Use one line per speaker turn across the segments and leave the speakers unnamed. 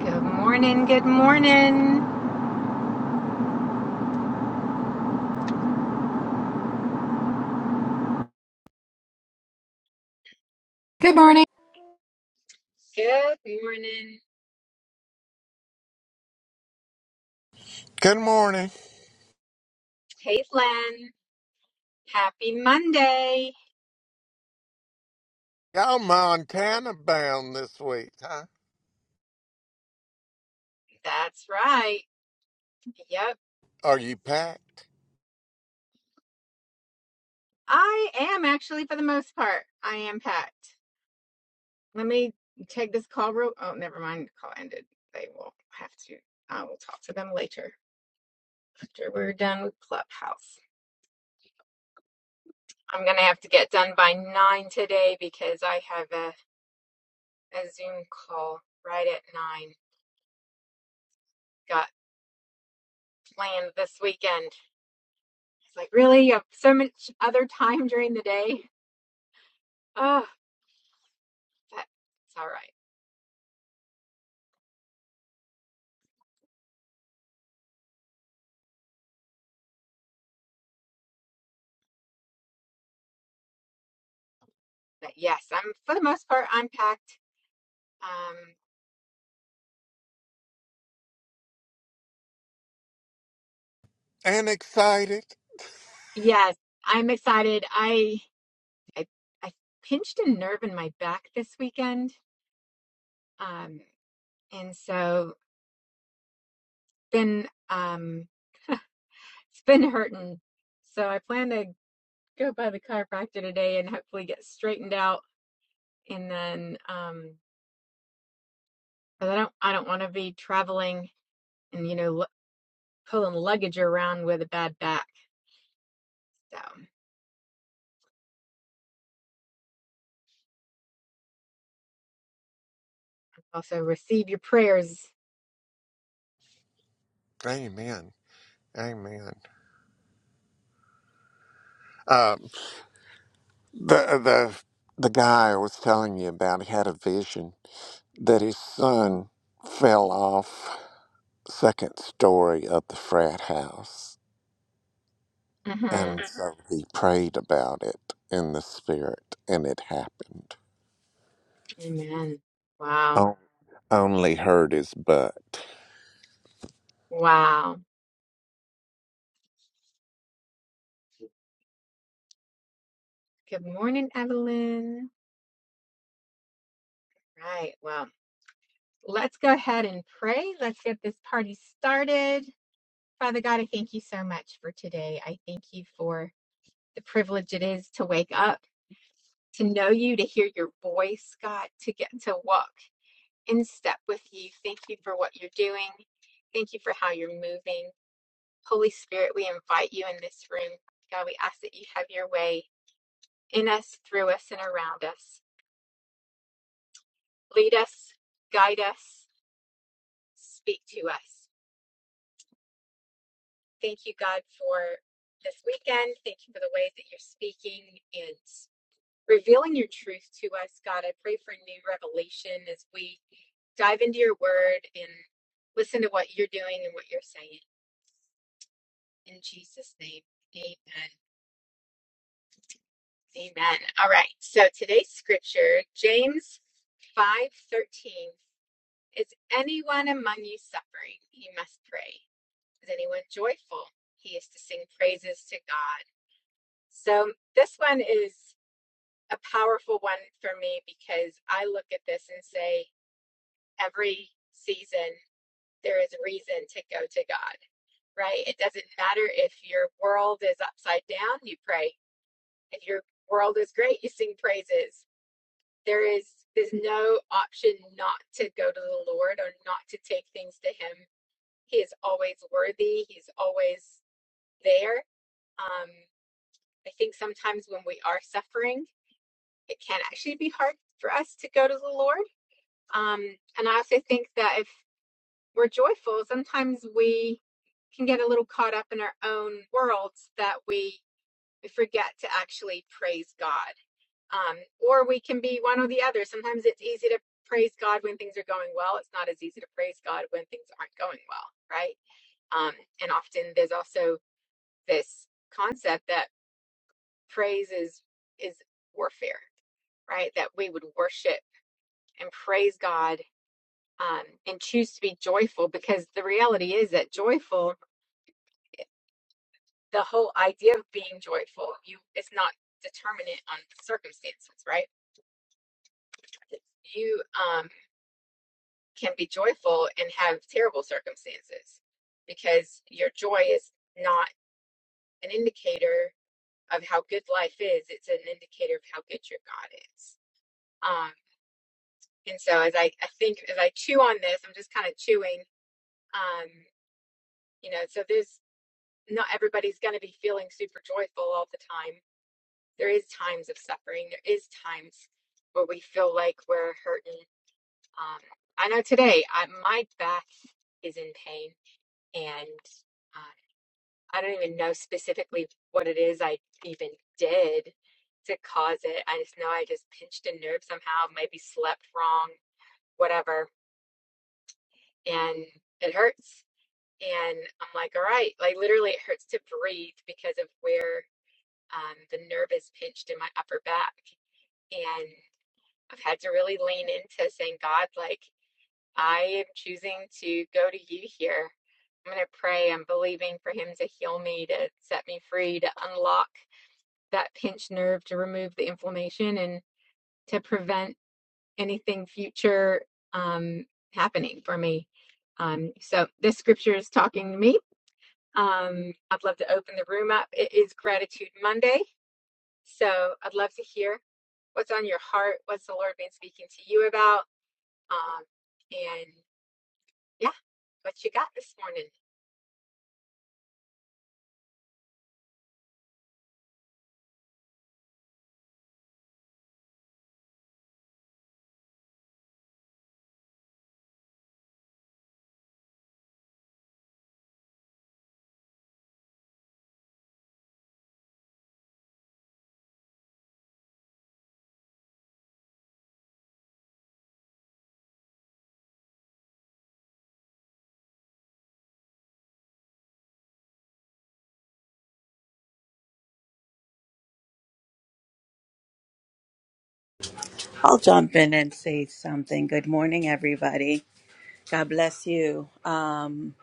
Good morning. Good morning.
Good morning.
Good morning.
Good morning.
Caitlin, happy Monday.
Y'all Montana bound this week, huh?
That's right. Yep.
Are you packed
I am actually, for the most part, I am packed. Let me take this call real. Oh, never mind. The call ended. They will have to. I will talk to them later after we're done with Clubhouse. I'm going to have to get done by nine today because I have a, a Zoom call right at nine. Got planned this weekend. It's like, really? You have so much other time during the day? Oh, but it's all right. But yes, I'm for the most part, I'm packed. Um,
and excited?
yes, I'm excited. I I I pinched a nerve in my back this weekend. Um, and so been um it's been hurting. So I plan to go by the chiropractor today and hopefully get straightened out and then um because I don't I don't want to be traveling and you know lu- pulling luggage around with a bad back. So also receive your prayers.
Amen. Amen. Um, the the the guy I was telling you about had a vision that his son fell off second story of the frat house,
hmm
and so he prayed about it in the spirit, and it happened.
Amen. Wow.
Oh, only hurt his butt.
Wow. Good morning, Evelyn. Right. Well, let's go ahead and pray. Let's get this party started. Father God, I thank you so much for today. I thank you for the privilege it is to wake up, to know you, to hear your voice, God, to get to walk in step with you. Thank you for what you're doing. Thank you for how you're moving. Holy Spirit, we invite you in this room. God, we ask that you have your way in us, through us, and around us. Lead us, guide us, speak to us. Thank you, God, for this weekend. Thank you for the ways that you're speaking and revealing your truth to us. God, I pray for new revelation as we dive into your word and listen to what you're doing and what you're saying. In Jesus' name, amen. Amen. All right. So today's scripture, James 5:13, is anyone among you suffering, he must pray. Is anyone joyful? He is to sing praises to God. So this one is a powerful one for me because I look at this and say every season there is reason to go to God, right? It doesn't matter if your world is upside down, you pray. If your world is great, you sing praises there is there's no option not to go to the Lord or not to take things to Him. He is always worthy. He's always there. Um, I think sometimes when we are suffering, it can actually be hard for us to go to the Lord. Um, and I also think that if we're joyful, sometimes we can get a little caught up in our own worlds that we forget to actually praise God. Um, or we can be one or the other. Sometimes it's easy to praise God when things are going well. It's not as easy to praise God when things aren't going well, right? Um, and often there's also this concept that praise is is warfare, right? That we would worship and praise God um, and choose to be joyful because the reality is that joyful, the whole idea of being joyful, you it's not determinate on circumstances, right? You um can be joyful and have terrible circumstances because your joy is not an indicator of how good life is it's an indicator of how good your god is um and so as i i think as i chew on this i'm just kind of chewing um you know so there's not everybody's going to be feeling super joyful all the time there is times of suffering there is times where we feel like we're hurting um i know today I, my back is in pain and um, I don't even know specifically what it is I even did to cause it. I just know I just pinched a nerve somehow, maybe slept wrong, whatever, and it hurts. And I'm like, all right, like literally, it hurts to breathe because of where um, the nerve is pinched in my upper back. And I've had to really lean into saying, God, like, I am choosing to go to you here. I'm going to pray. I'm believing for Him to heal me, to set me free, to unlock. that pinched nerve to remove the inflammation and to prevent anything future um, happening for me. Um, so this scripture is talking to me. Um, I'd love to open the room up. It is Gratitude Monday. So I'd love to hear what's on your heart, what's the Lord been speaking to you about, um, and yeah, what you got this morning.
I'll jump in and say something. Good morning, everybody. God bless you. Um,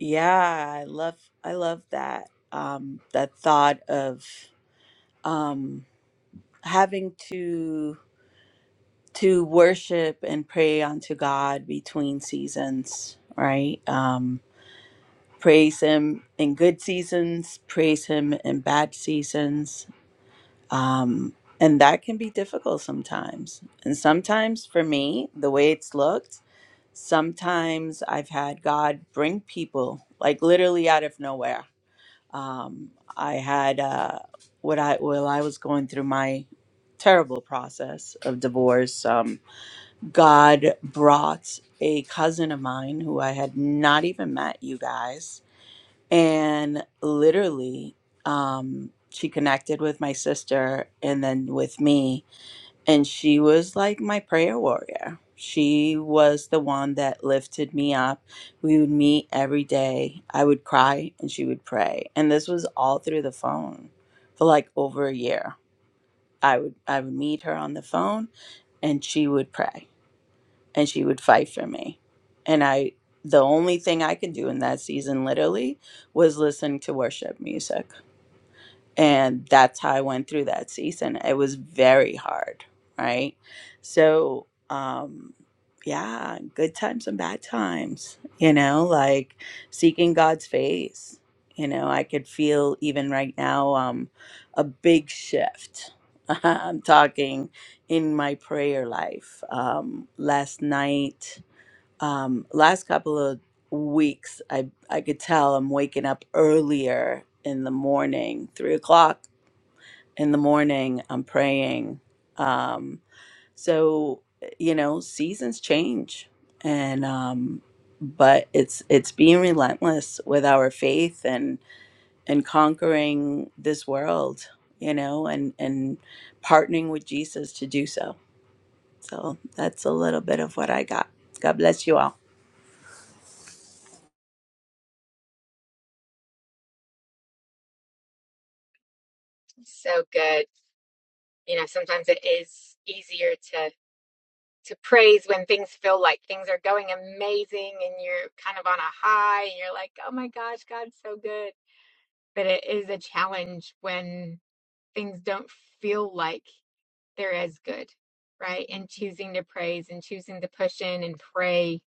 yeah, I love I love that um, that thought of um, having to to worship and pray unto God between seasons, right? Um, praise Him in good seasons, praise Him in bad seasons, um, and that can be difficult sometimes. And sometimes, for me, the way it's looked Sometimes I've had God bring people like literally out of nowhere. Um, I had uh, what I well I was going through my terrible process of divorce. Um, God brought a cousin of mine who I had not even met you guys, and literally um, she connected with my sister and then with me and she was like my prayer warrior. She was the one that lifted me up. We would meet every day. I would cry and she would pray. And this was all through the phone for like over a year. I would I would meet her on the phone and she would pray and she would fight for me. And I the only thing I could do in that season literally was listen to worship music and that's how I went through that season. It was very hard, right? So, um, yeah, good times and bad times, you know, like seeking God's face. You know, I could feel even right now um, a big shift. I'm talking in my prayer life. Um, last night, um, last couple of weeks, I I could tell I'm waking up earlier in the morning, three o'clock in the morning. I'm praying. Um, so you know, seasons change, and um, but it's it's being relentless with our faith and and conquering this world, you know, and and partnering with Jesus to do so. So that's a little bit of what I got. God bless you all.
So good. You know, sometimes it is easier to to praise when things feel like things are going amazing and you're kind of on a high and you're like, oh my gosh, God's so good. But it is a challenge when things don't feel like they're as good, right? And choosing to praise and choosing to push in and pray.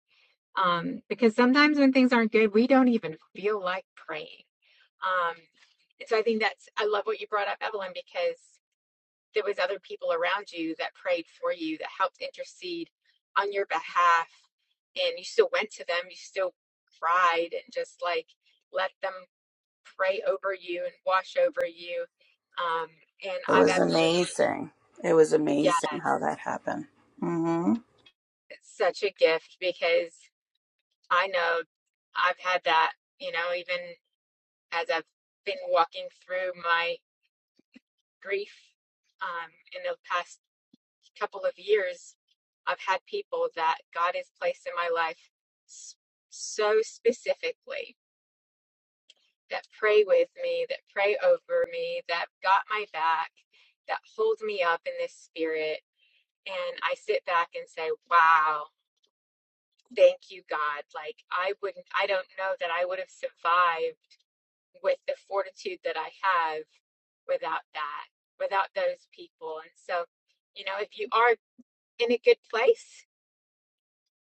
Um, because sometimes when things aren't good, we don't even feel like praying. Um, so I think that's, I love what you brought up, Evelyn, because there was other people around you that prayed for you that helped intercede on your behalf and you still went to them you still cried and just like let them pray over you and wash over you um and
It
i've
was
absolutely
amazing. It was amazing how
yes
that happened. hmm
it's such a gift because i know i've had that you know even as i've been walking through my grief um, in the past couple of years, I've had people that God has placed in my life so specifically that pray with me, that pray over me, that got my back, that hold me up in this spirit. And I sit back and say, wow, thank you, God. Like, I wouldn't, I don't know that I would have survived with the fortitude that I have without that, without those people. And so, you know, if you are in a good place,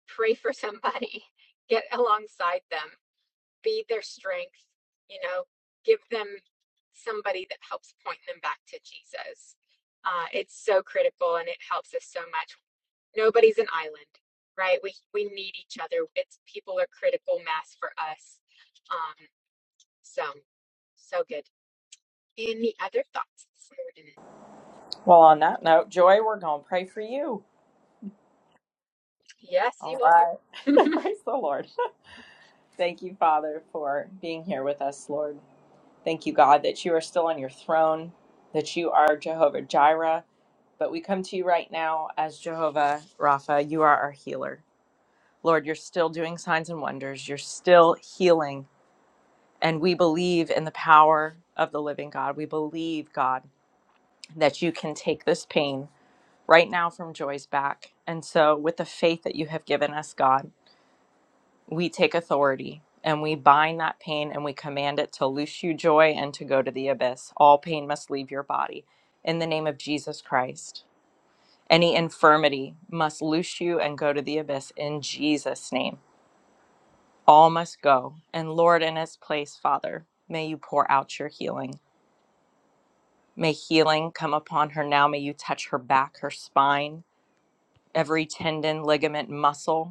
pray for somebody, get alongside them, be their strength, you know, give them somebody that helps point them back to Jesus. Uh, it's so critical and it helps us so much. Nobody's an island, right? We we need each other. It's people are critical mass for us. Um, so so good. Any other thoughts this morning?
Well, on that note, Joy, we're going to pray for you.
Yes,
All
you
right.
are.
Praise the Lord. Thank you, Father, for being here with us, Lord. Thank you, God, that you are still on your throne, that you are Jehovah Jireh. But we come to you right now as Jehovah Rapha. You are our healer. Lord, you're still doing signs and wonders. You're still healing. And we believe in the power of the living God. We believe, God, that you can take this pain right now from Joy's back. And so, with the faith that you have given us, God, we take authority and we bind that pain and we command it to loose you joy and to go to the abyss. All pain must leave your body in the name of Jesus Christ. Any infirmity must loose you and go to the abyss in Jesus' name. All must go. And Lord, in its place, Father, may you pour out your healing. May healing come upon her now. May you touch her back, her spine, every tendon, ligament, muscle.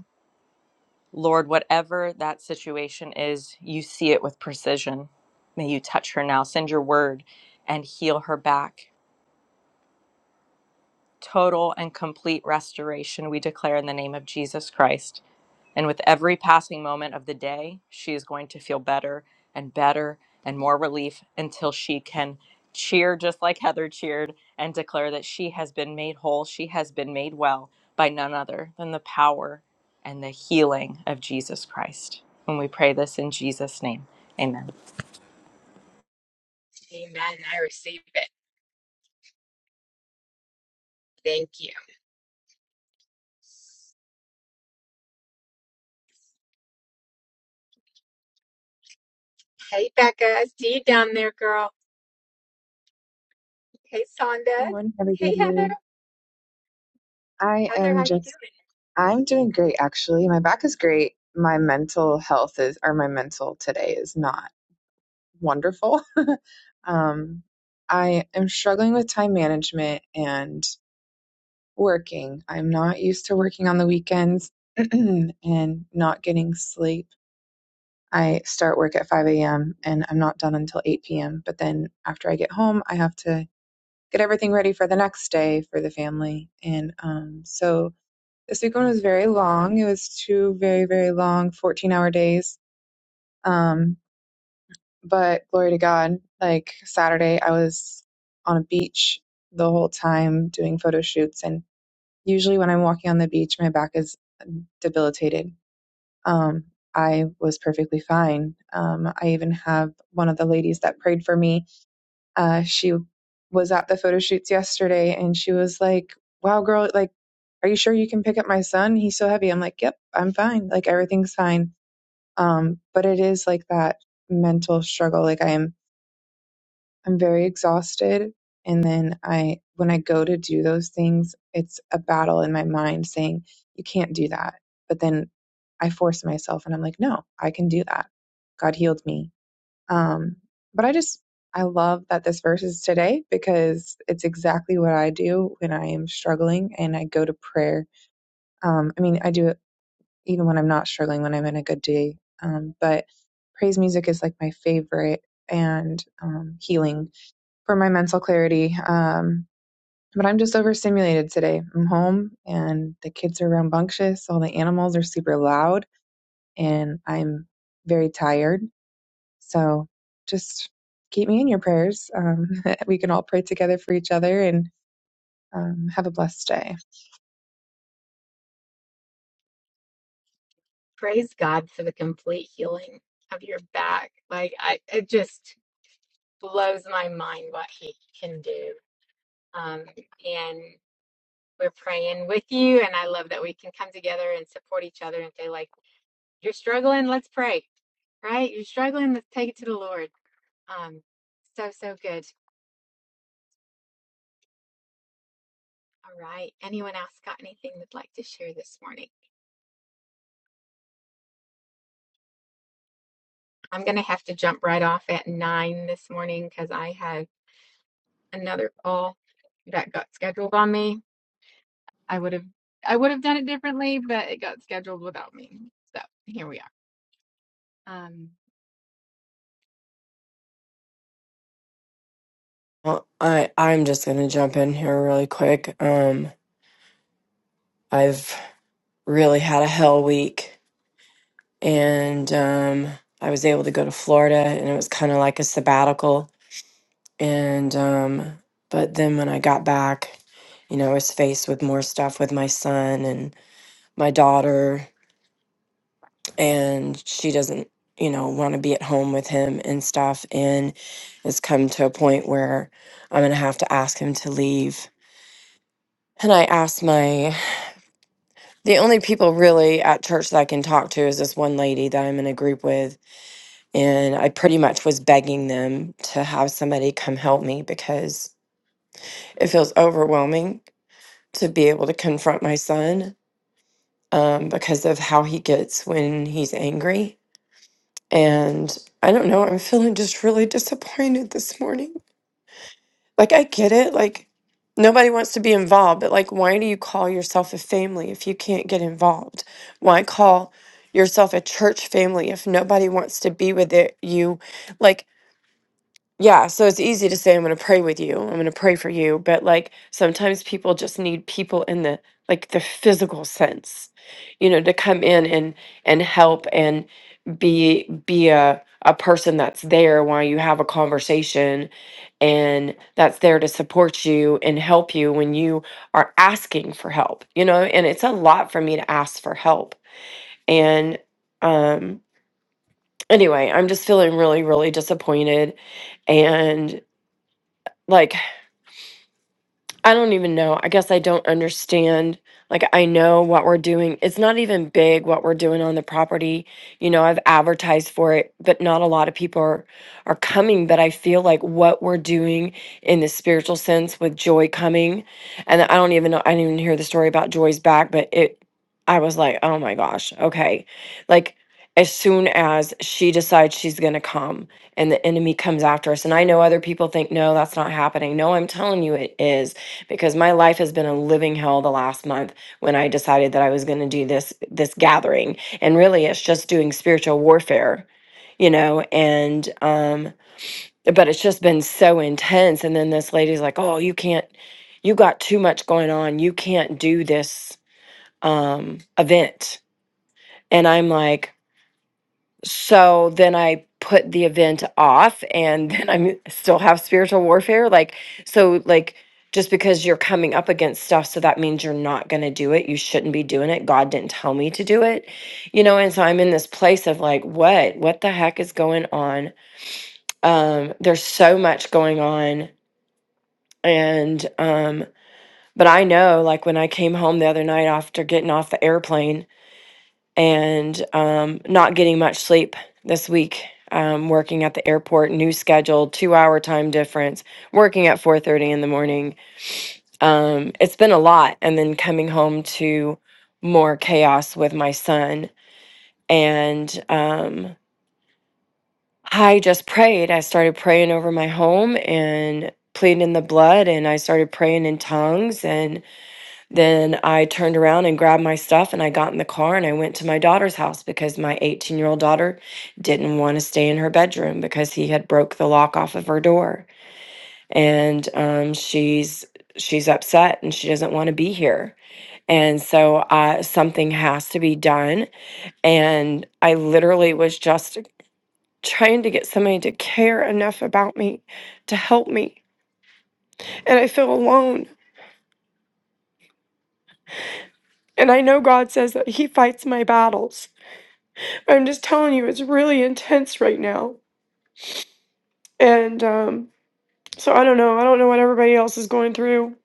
Lord, whatever that situation is, you see it with precision. May you touch her now. Send your word and heal her back. Total and complete restoration, we declare in the name of Jesus Christ. And with every passing moment of the day, she is going to feel better and better and more relief until she can cheer just like Heather cheered and declare that she has been made whole, she has been made well by none other than the power and the healing of Jesus Christ. And we pray this in Jesus' name, amen.
Amen. I receive it. Thank you. Hey, Becca, I see you down there, girl. Hey, Sonda.
Good morning,
Hey, Heather.
everybody. I
Heather, how
am
you
just,
doing?
I'm doing great actually. My back is great. My mental health is, or my mental today is not wonderful. Um, I am struggling with time management and working. I'm not used to working on the weekends and not getting sleep. I start work at 5 a.m. and I'm not done until 8 p.m. But then after I get home, I have to get everything ready for the next day for the family. And um, so, this week one was very long. It was two very, very long 14 hour days. Um, but glory to God, like Saturday, I was on a beach the whole time doing photo shoots. And usually when I'm walking on the beach, my back is debilitated. Um, I was perfectly fine. Um, I even have one of the ladies that prayed for me uh, she was at the photo shoots yesterday and she was like, wow, girl, like, are you sure you can pick up my son? He's so heavy. I'm like, yep, I'm fine. Like everything's fine. Um, but it is like that mental struggle. Like I'm, I'm very exhausted. And then I, when I go to do those things, it's a battle in my mind saying, you can't do that. But then I force myself and I'm like, no, I can do that. God healed me um, but I just, I love that this verse is today because it's exactly what I do when I am struggling and I go to prayer. Um, I mean, I do it even when I'm not struggling, when I'm in a good day. Um, but praise music is like my favorite and um, healing for my mental clarity. Um, but I'm just overstimulated today. I'm home and the kids are rambunctious. All the animals are super loud and I'm very tired so just keep me in your prayers. Um, we can all pray together for each other and um, have a blessed day.
Praise God for the complete healing of your back. Like I, it just blows my mind what He can do. Um, and we're praying with you, and I love that we can come together and support each other and say, like, you're struggling, let's pray. Right? You're struggling, let's take it to the Lord. Um, so so good. All right. Anyone else got anything they'd like to share this morning? I'm gonna have to jump right off at nine this morning because I have another call that got scheduled on me. I would have I would have done it differently, but it got scheduled without me. So here we are. Um,
Well, I I'm just gonna jump in here really quick. Um, I've really had a hell week, and um, I was able to go to Florida, and it was kind of like a sabbatical. And um, but then when I got back, you know, I was faced with more stuff with my son and my daughter, and she doesn't, you know, want to be at home with him and stuff. And it's come to a point where I'm gonna have to ask him to leave. And I asked my The only people really at church that I can talk to is this one lady that I'm in a group with. And I pretty much was begging them to have somebody come help me because it feels overwhelming to be able to confront my son um, because of how he gets when he's angry. And I don't know, I'm feeling just really disappointed this morning. Like, I get it. Like, nobody wants to be involved, but like, why do you call yourself a family if you can't get involved? Why call yourself a church family if nobody wants to be with it? You, like, yeah, so it's easy to say, I'm going to pray with you. I'm going to pray for you. But like sometimes people just need people in the like the physical sense, you know, to come in and and help and be be a a person that's there while you have a conversation and that's there to support you and help you when you are asking for help, you know, and it's a lot for me to ask for help. And um anyway, I'm just feeling really, really disappointed like I don't even know. I guess I don't understand. Like, I know what we're doing. It's not even big what we're doing on the property. You know, I've advertised for it, but not a lot of people are, are coming. But I feel like what we're doing in the spiritual sense with Joy coming, and I don't even know, I didn't even hear the story about Joy's back, but it, I was like, oh my gosh, okay. Like, as soon as she decides she's going to come and the enemy comes after us. And I know other people think, no, that's not happening. No, I'm telling you, it is because my life has been a living hell the last month when I decided that I was going to do this this gathering and really it's just doing spiritual warfare you know and um but it's just been so intense and then this lady's like oh you can't you got too much going on you can't do this um event and I'm like so then i put the event off and then i'm still have spiritual warfare like so like just because you're coming up against stuff so that means you're not going to do it you shouldn't be doing it god didn't tell me to do it you know and so i'm in this place of like what what the heck is going on um there's so much going on and um but i know like when i came home the other night after getting off the airplane and um, not getting much sleep this week. Um, working at the airport, new schedule, two-hour time difference, working at 4:30 in the morning. Um, it's been a lot, and then coming home to more chaos with my son. And um, I just prayed. I started praying over my home and pleading in the blood, and I started praying in tongues, and. Then I turned around and grabbed my stuff and I got in the car and I went to my daughter's house because my 18 year old daughter didn't want to stay in her bedroom because he had broke the lock off of her door. And um, she's she's upset and she doesn't want to be here. And so uh, something has to be done. And I literally was just trying to get somebody to care enough about me to help me. And I feel alone. And I know God says that He fights my battles. I'm just telling you, it's really intense right now. And um, so I don't know. I don't know what everybody else is going through.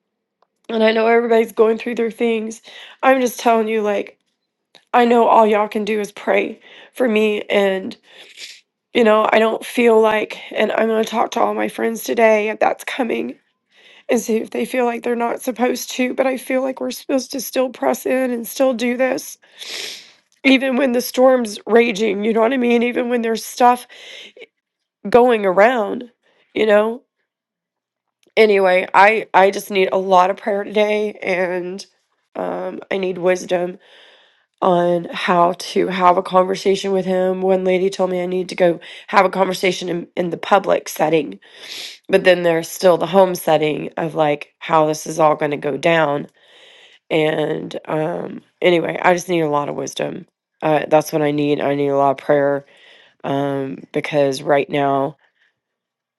And I know everybody's going through their things. I'm just telling you, like, I know all y'all can do is pray for me. And, you know, I don't feel like, and I'm going to talk to all my friends today if that's coming and see if they feel like they're not supposed to. But I feel like we're supposed to still press in and still do this. Even when the storm's raging, you know what I mean? Even when there's stuff going around, you know? Anyway, I I just need a lot of prayer today and um I need wisdom on how to have a conversation with him. One lady told me I need to go have a conversation in, in the public setting, but then there's still the home setting of like how this is all going to go down. And um anyway, I just need a lot of wisdom. Uh that's what I need. I need a lot of prayer um because right now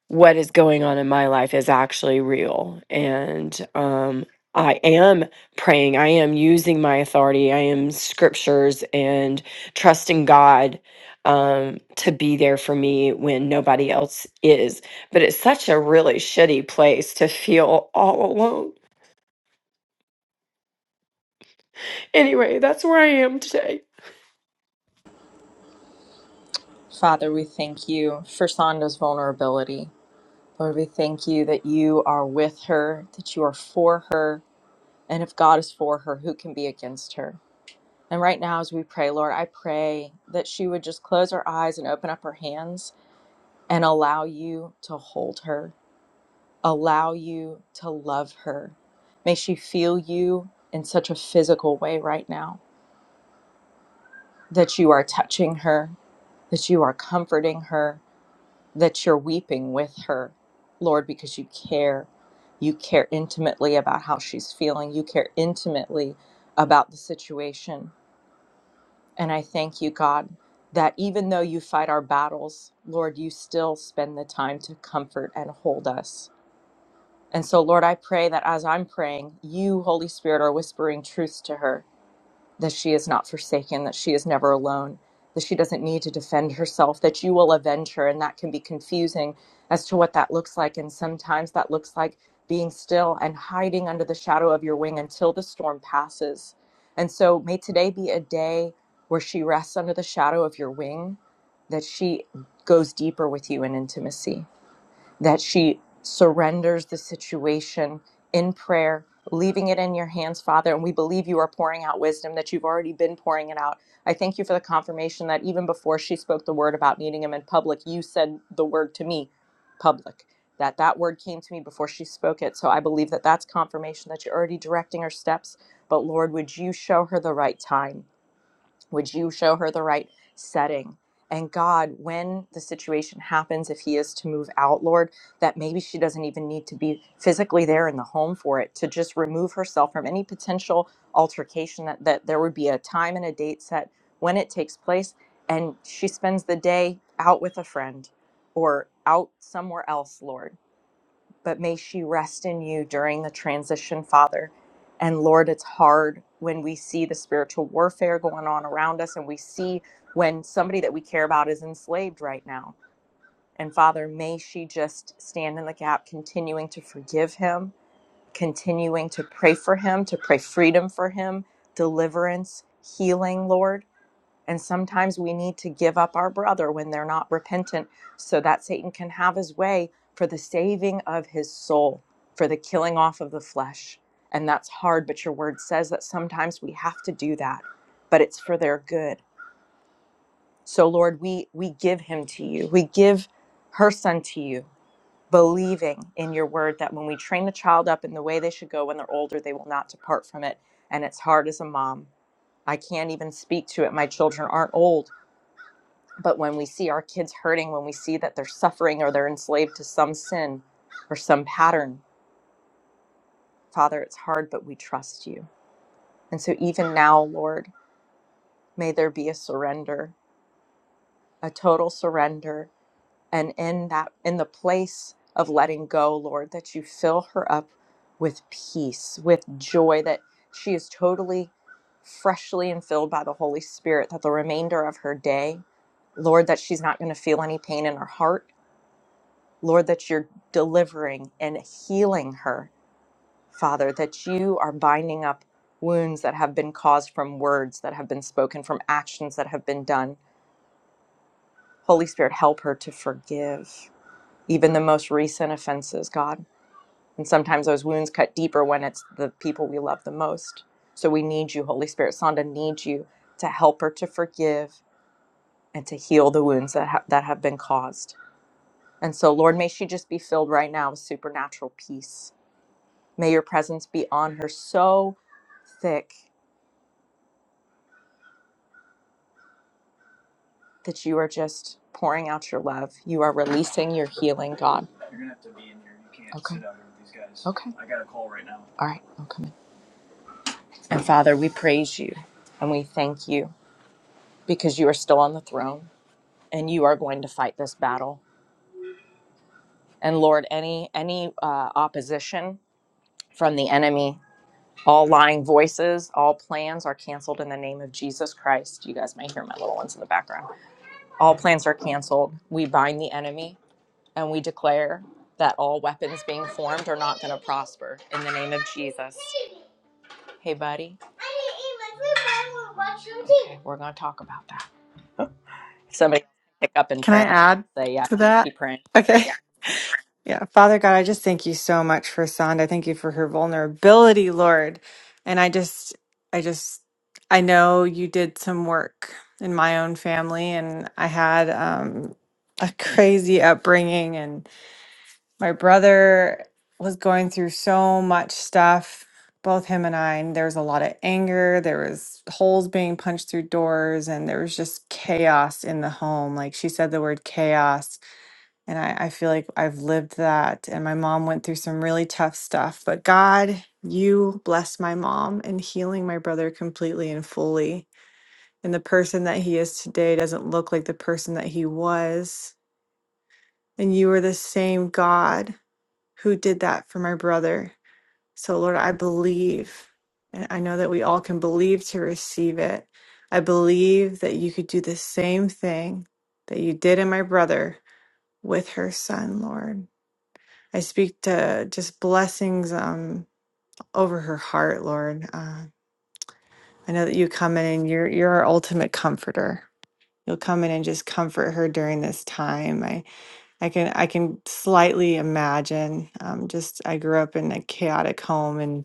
what is going on in my life is actually real and um I am praying. I am using my authority. I am scriptures and trusting God um, to be there for me when nobody else is. But it's such a really shitty place to feel all alone. Anyway, that's where I am today.
Father, we thank you for Sonda's vulnerability. Lord, we thank you that you are with her, that you are for her, and if God is for her, who can be against her? And right now, as we pray, Lord, I pray that she would just close her eyes and open up her hands and allow you to hold her, allow you to love her. May she feel you in such a physical way right now that you are touching her, that you are comforting her, that you're weeping with her, Lord, because you care. You care intimately about how she's feeling, you care intimately about the situation. And I thank you, God, that even though you fight our battles, Lord, you still spend the time to comfort and hold us. And so, Lord, I pray that as I'm praying, you, Holy Spirit, are whispering truths to her that she is not forsaken, that she is never alone, that she doesn't need to defend herself, that you will avenge her. And that can be confusing as to what that looks like. And sometimes that looks like being still and hiding under the shadow of your wing until the storm passes. And so may today be a day where she rests under the shadow of your wing, that she goes deeper with you in intimacy that she surrenders the situation in prayer, leaving it in your hands, Father. And we believe you are pouring out wisdom, that you've already been pouring it out. I thank you for the confirmation that even before she spoke the word about meeting him in public, you said the word to me, public. That that word came to me before she spoke it. So I believe that that's confirmation that you're already directing her steps. But Lord, would you show her the right time? Would you show her the right setting? And God, when the situation happens, if He is to move out, Lord, that maybe she doesn't even need to be physically there in the home for it, to just remove herself from any potential altercation, that, that there would be a time and a date set when it takes place. And she spends the day out with a friend or out somewhere else, Lord but may she rest in you during the transition, Father. And Lord, it's hard when we see the spiritual warfare going on around us and we see when somebody that we care about is enslaved right now. And Father, may she just stand in the gap, continuing to forgive him, continuing to pray for him, to pray freedom for him, deliverance, healing, Lord. And sometimes we need to give up our brother when they're not repentant so that Satan can have his way for the saving of his soul, for the killing off of the flesh. And that's hard, but your word says that sometimes we have to do that, but it's for their good. So Lord, we we give him to you. We give her son to you, believing in your word that when we train the child up in the way they should go when they're older, they will not depart from it. And it's hard as a mom. I can't even speak to it. My children aren't old but when we see our kids hurting, when we see that they're suffering or they're enslaved to some sin or some pattern, Father, it's hard, but we trust you. And so, even now, Lord, may there be a surrender, a total surrender. And in that, in the place of letting go, Lord, that you fill her up with peace, with joy, that she is totally, freshly and filled by the Holy Spirit, that the remainder of her day, Lord, that she's not going to feel any pain in her heart Lord, that you're delivering and healing her, Father, that you are binding up wounds that have been caused from words that have been spoken, from actions that have been done. Holy Spirit, help her to forgive even the most recent offenses, God. And sometimes those wounds cut deeper when it's the people we love the most. So we need you, Holy Spirit. Sonda needs you to help her to forgive and to heal the wounds that, ha- that have been caused. And so, Lord, may she just be filled right now with supernatural peace May your presence be on her so thick that you are just pouring out your love. You are releasing your healing, God. You're gonna have to be in here. You can't okay. sit out here with these guys. Okay. I got a call right now. All right, I'll come in. And Father, we praise you and we thank you because you are still on the throne and you are going to fight this battle. And Lord, any any uh, opposition from the enemy, all lying voices, all plans are canceled in the name of Jesus Christ. You guys may hear my little ones in the background. All plans are canceled. We bind the enemy and we declare that all weapons being formed are not going to prosper in the name of Jesus. Hey, buddy. Okay, we're going to talk about that. If somebody pick up in
Can I
prayer, I was
add
going to say, yeah,
to
please
that?
keep praying.
Okay. Yeah. Yeah. Father God, I just thank you so much for Sonda. Thank you for her vulnerability, Lord. And I just, I just, I know you did some work in my own family, and I had um, a crazy upbringing, my brother was going through so much stuff both him and i and there was a lot of anger there was holes being punched through doors and there was just chaos in the home like she said the word chaos and I, I feel like i've lived that and my mom went through some really tough stuff but god you blessed my mom in healing my brother completely and fully and the person that he is today doesn't look like the person that he was and you are the same god who did that for my brother. So, Lord, I believe, and I know that we all can believe to receive it. I believe that you could do the same thing that you did in my brother with her son, Lord. I speak to just blessings um, over her heart, Lord. Uh, I know that you come in and you're you're our ultimate comforter. You'll come in and just comfort her during this time. I I can I can slightly imagine. Um, just I grew up in a chaotic home, and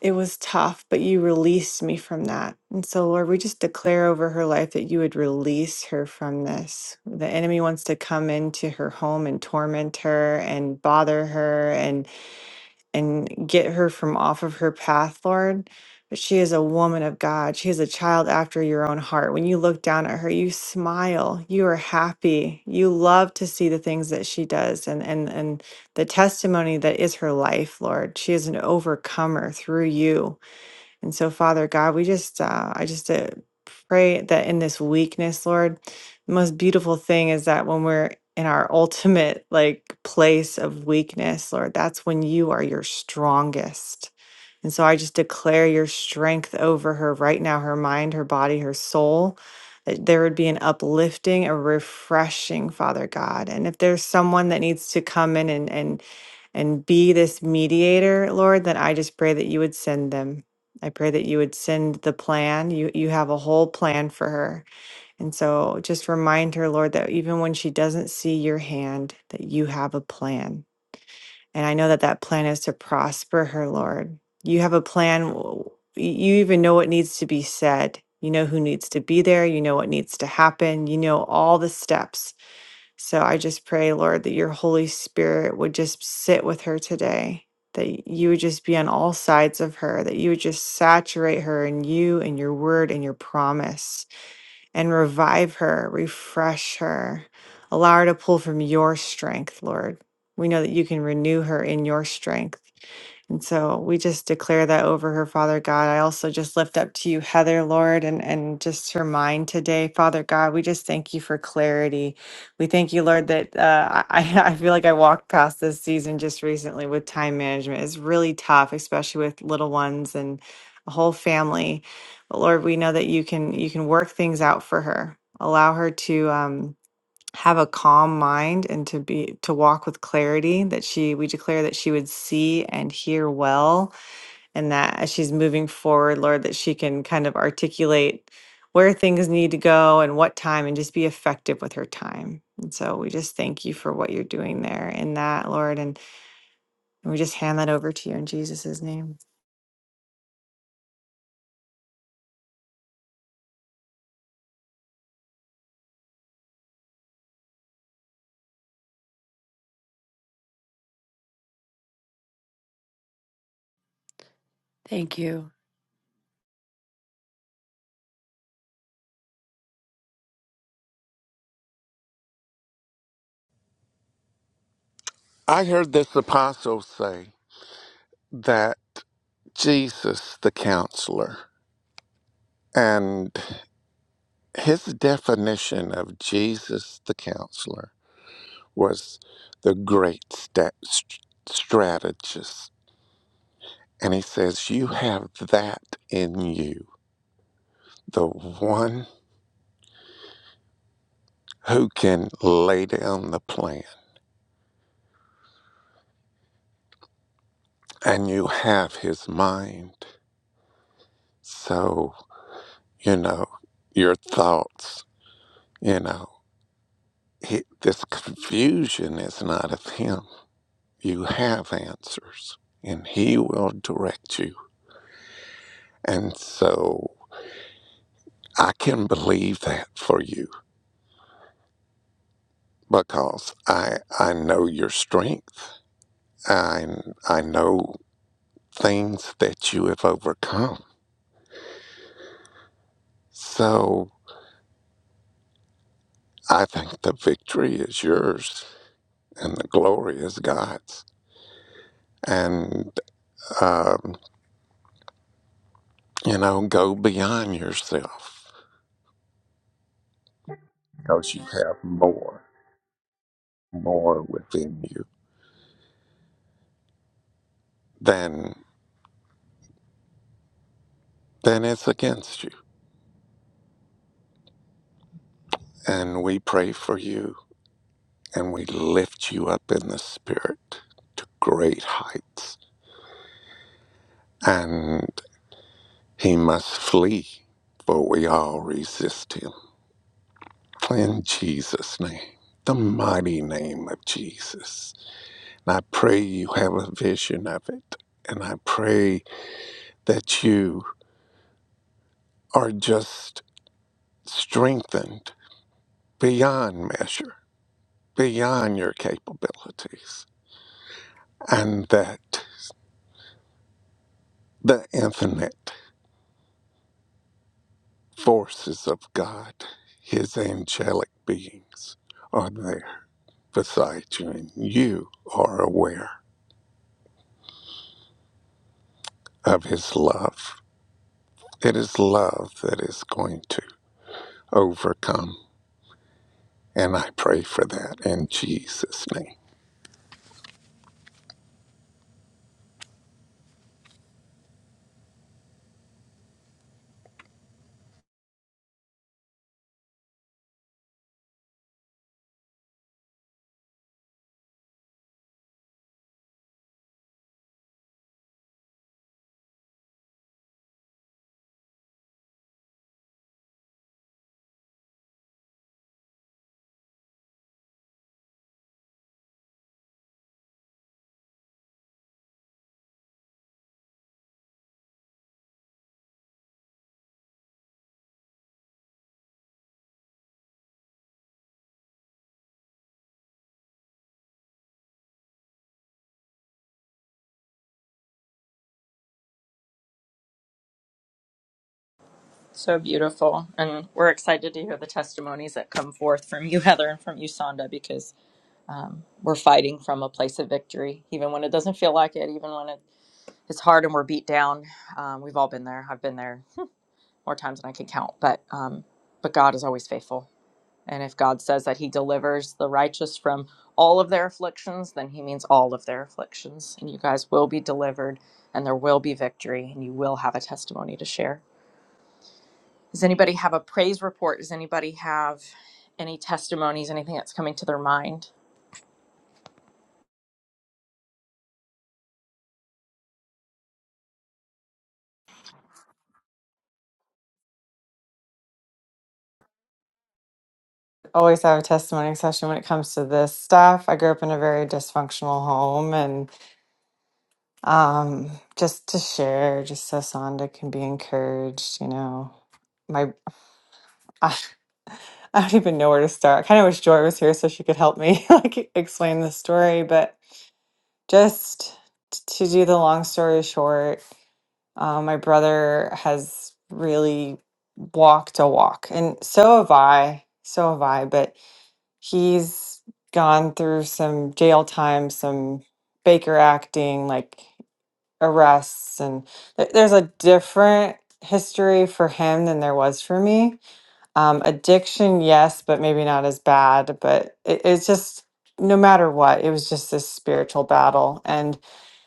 It was tough, but you released me from that. And so, Lord, we just declare over her life that you would release her from this. The enemy wants to come into her home and torment her and bother her. and and get her from off of her path, Lord. But she is a woman of God. She is a child after your own heart. When you look down at her, you smile. You are happy. You love to see the things that she does and and and the testimony that is her life, Lord. She is an overcomer through you. And so, Father God, we just, uh, I just uh, pray that in this weakness, Lord, the most beautiful thing is that when we're in our ultimate like place of weakness, Lord, that's when you are your strongest. And so I just declare your strength over her right now, her mind, her body, her soul, that there would be an uplifting, a refreshing, Father God. And if there's someone that needs to come in and, and and be this mediator, Lord, then I just pray that you would send them. I pray that you would send the plan. You you have a whole plan for her. And so just remind her, Lord, that even when she doesn't see your hand, that you have a plan. And I know that that plan is to prosper her, Lord. You have a plan. w- You even know what needs to be said. You know who needs to be there. You know what needs to happen. You know all the steps. So I just pray, Lord, that your Holy Spirit would just sit with her today, that you would just be on all sides of her, that you would just saturate her in you and your word and your promise, and revive her, refresh her, allow her to pull from your strength, Lord. We know that you can renew her in your strength. And so we just declare that over her, Father God. I also just lift up to you, Heather, Lord, and, and just her mind today, Father God. We just thank you for clarity. We thank you, Lord, that uh, I, I feel like I walked past this season just recently with time management. It's really tough, especially with little ones and a whole family. But Lord, we know that you can you can work things out for her. Allow her to. Um, have a calm mind and to be to walk with clarity that she we declare that she would see and hear well and that as she's moving forward lord that she can kind of articulate where things need to go and what time and just be effective with her time and so we just thank you for what you're doing there in that lord and, and we just hand that over to you in jesus' name
Thank you.
I heard this apostle say that. Jesus the counselor. And his definition of Jesus the counselor was the great sta- st- strategist. And he says, You have that in you, the one who can lay down the plan, and you have his mind. So, you know, your thoughts, you know, he, this confusion is not of him You have answers, and He will direct you. And so I can believe that for you because I I know your strength. I I know things that you have overcome. So I think the victory is yours and the glory is God's. And um, you know, go beyond yourself because you have more, more within you than than is against you. And we pray for you and we lift you up in the spirit to great heights. And he must flee, for we all resist him. In Jesus' name, the mighty name of Jesus. And I pray you have a vision of it. And I pray that you are just strengthened beyond measure, beyond your capabilities, and that the infinite. forces of God, His angelic beings, are there beside you, and you are aware of His love. It is love that is going to overcome, and I pray for that in Jesus' name.
So beautiful. And we're excited to hear the testimonies that come forth from you, Heather, and from you, Sonda, because um, we're fighting from a place of victory, even when it doesn't feel like it, even when it, it's hard and we're beat down. Um, we've all been there. I've been there more times than I can count. But um, but God is always faithful, and if God says that He delivers the righteous from all of their afflictions, then He means all of their afflictions, and you guys will be delivered, and there will be victory, and you will have a testimony to share. Does anybody have a praise report? Does anybody have any testimonies? Anything that's coming to their mind?
always have a testimony session when it comes to this stuff i grew up in a very dysfunctional home and. Um, just to share, just so Sonda can be encouraged, you know. My I, I don't even know where to start. I kind of wish Joy was here so she could help me like explain the story, but just t- to do the long story short, um, my brother has really walked a walk, and so have I, so have I, but he's gone through some jail time, some Baker acting, like arrests and th- there's a different history for him than there was for me um addiction yes but maybe not as bad but it, it's just no matter what it was just this spiritual battle and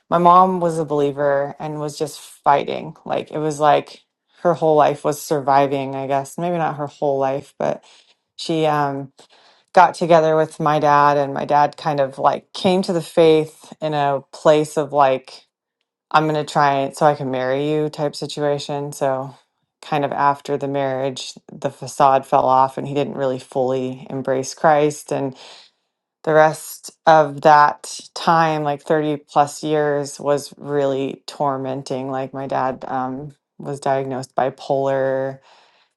my mom was a believer and was just fighting like it was like her whole life was surviving i guess maybe not her whole life but she um got together with my dad and my dad kind of like came to the faith in a place of like I'm going to try so I can marry you type situation. So, kind of after the marriage, the facade fell off and he didn't really fully embrace Christ. And the rest of that time, like 30 plus years, was really tormenting. Like, my dad um, was diagnosed bipolar.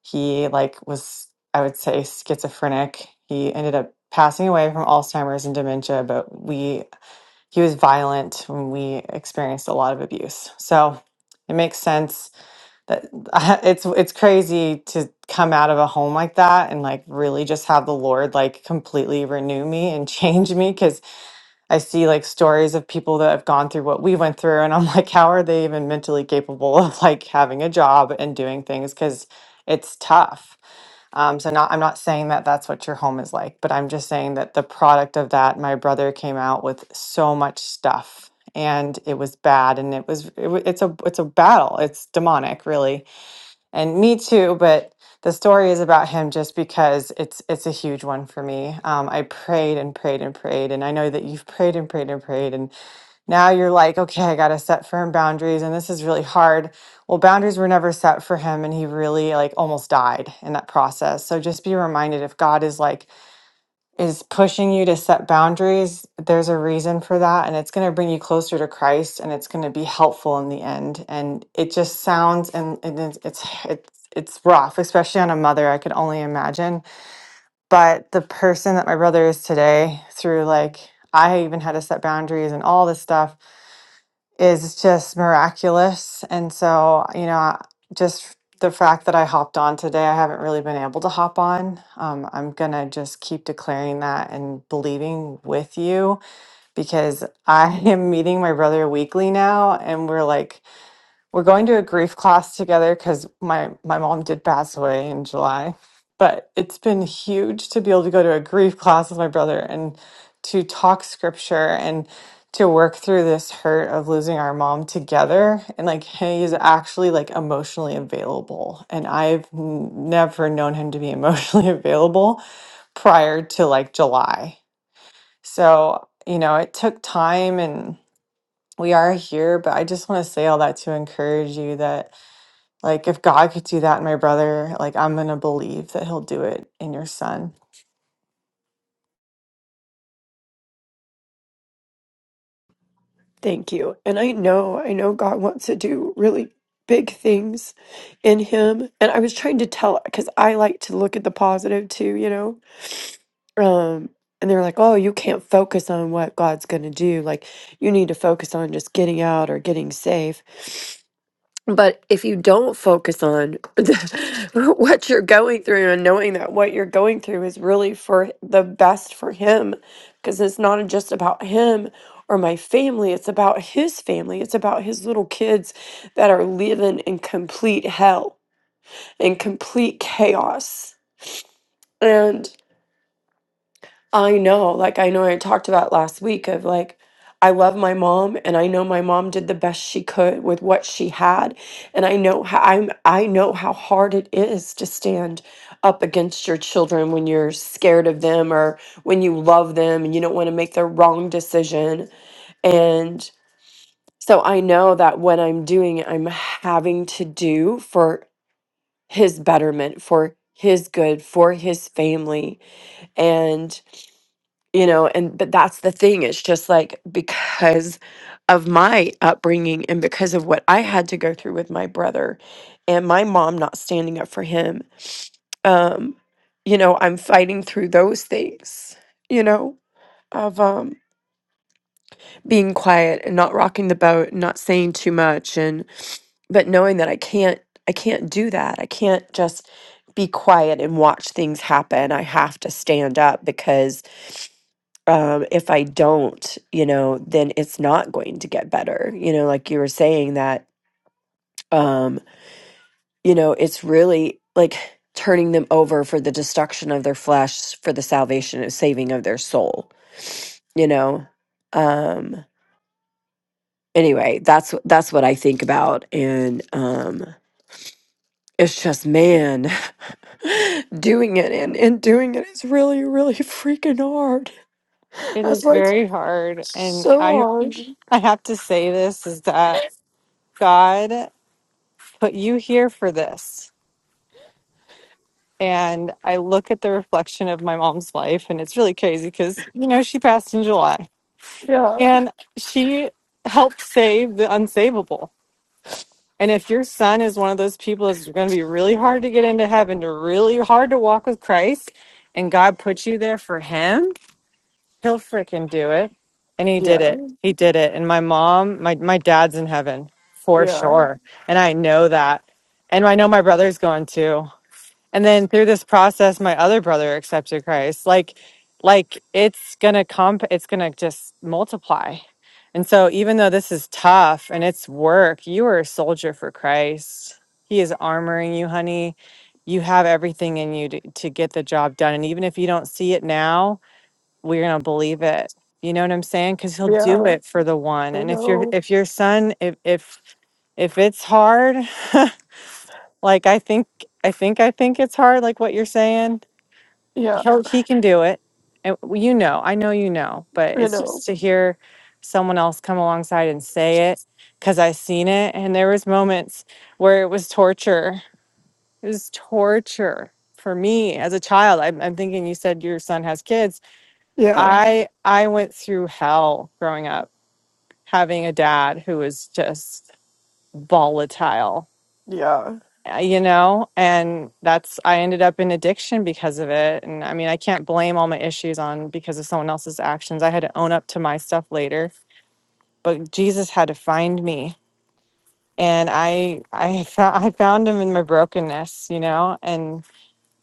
He, like, was, I would say, schizophrenic. He ended up passing away from Alzheimer's and dementia, but we he was violent when we experienced a lot of abuse. So it makes sense that it's it's crazy to come out of a home like that and like really just have the Lord like completely renew me and change me because I see like stories of people that have gone through what we went through and I'm like how are they even mentally capable of like having a job and doing things cuz it's tough um, so not, I'm not saying that that's what your home is like, but I'm just saying that the product of that, my brother came out with so much stuff, and it was bad, and it was it, wa- it's a it's a battle. It's demonic, really, and me too. But the story is about him just because it's it's a huge one for me. Um, I prayed and prayed and prayed, and I know that you've prayed and prayed and prayed, now you're like, okay, I got to set firm boundaries and this is really hard. Well, boundaries were never set for him and he really like almost died in that process. So just be reminded if God is like is pushing you to set boundaries, there's a reason for that and it's going to bring you closer to Christ and it's going to be helpful in the end. And it just sounds and, and it's it's it's it's rough, especially on a mother, I could only imagine. But the person that my brother is today through like I even had to set boundaries and all this stuff is just miraculous. And so, you know, just the fact that I hopped on today, I haven't really been able to hop on. Um, I'm going to just keep declaring that and believing with you because I am meeting my brother weekly now, and we're like, we're going to a grief class together because my my mom did pass away in July, but it's been huge to be able to go to a grief class with my brother and to talk scripture and to work through this hurt of losing our mom together and like he is actually like emotionally available and I've n- never known him to be emotionally available prior to like July. So, you know, it took time and we are here, but I just want to say all that to encourage you that like, if God could do that in my brother, like, I'm going to believe that he'll do it in your son.
Thank you. And I know, I know God wants to do really big things in him. And I was trying to tell because I like to look at the positive too, you know. Um, and they're like, oh, you can't focus on what God's going to do. Like, you need to focus on just getting out or getting safe. But if you don't focus on the, what you're going through and knowing that what you're going through is really for the best for him, because it's not just about him or my family, it's about his family, it's about his little kids that are living in complete hell and complete chaos. and. I know, like I know I talked about last week of like I love my mom and I know my mom did the best she could with what she had and I know how I'm I know how hard it is to stand up against your children when you're scared of them or when you love them and you don't want to make the wrong decision and so I know that what I'm doing I'm having to do for his betterment for his good for his family and you know and but that's the thing it's just like because of my upbringing and because of what i had to go through with my brother and my mom not standing up for him um you know i'm fighting through those things you know of um being quiet and not rocking the boat and not saying too much and but knowing that i can't i can't do that i can't just be quiet and watch things happen i have to stand up because um, if I don't, you know, then it's not going to get better. You know, like you were saying that, um, you know, it's really like turning them over for the destruction of their flesh, for the salvation and saving of their soul, you know? Um, anyway, that's, wh- that's what I think about. And, um, it's just, man, doing it and, and doing it is really, really freaking hard.
It
That's
is
why it's
very hard. And
so
I
hard.
I have to say this is that God put you here for this. And I look at the reflection of my mom's life and it's really crazy because you know she passed in July
Yeah.
and she helped save the unsavable. And if your son is one of those people that's going to be really hard to get into heaven, to really hard to walk with Christ, and God put you there for him, he'll freaking do it. And he
Yeah.
did it. He did it. And my mom, my my dad's in heaven for
Yeah.
sure. And I know that. And I know my brother's going too. And then through this process, my other brother accepted Christ. Like, like it's gonna comp, it's gonna just multiply. And so, even though this is tough and it's work, you are a soldier for Christ. He is armoring you, honey. You have everything in you to, to get the job done. And even if you don't see it now, we're gonna believe it. You know what I'm saying? Because he'll do
Yeah,
it for the one.
I
And if your
know.
if your son, if if if it's hard, like I think I think I think it's hard, like what you're saying
Yeah,
he'll he can do it and you know i know you know but
I
it's
know.
just to hear someone else come alongside and say it because i seen it and there was moments where it was torture it was torture for me as a child i'm, I'm thinking you said your son has kids Yeah.
Yeah,
i i went through hell growing up having a dad who was just volatile
yeah,
uh, you know and that's i ended up in addiction because of it and i mean i can't blame all my issues on because of someone else's actions i had to own up to my stuff later but jesus had to find me and i i found, i found him in my brokenness you know and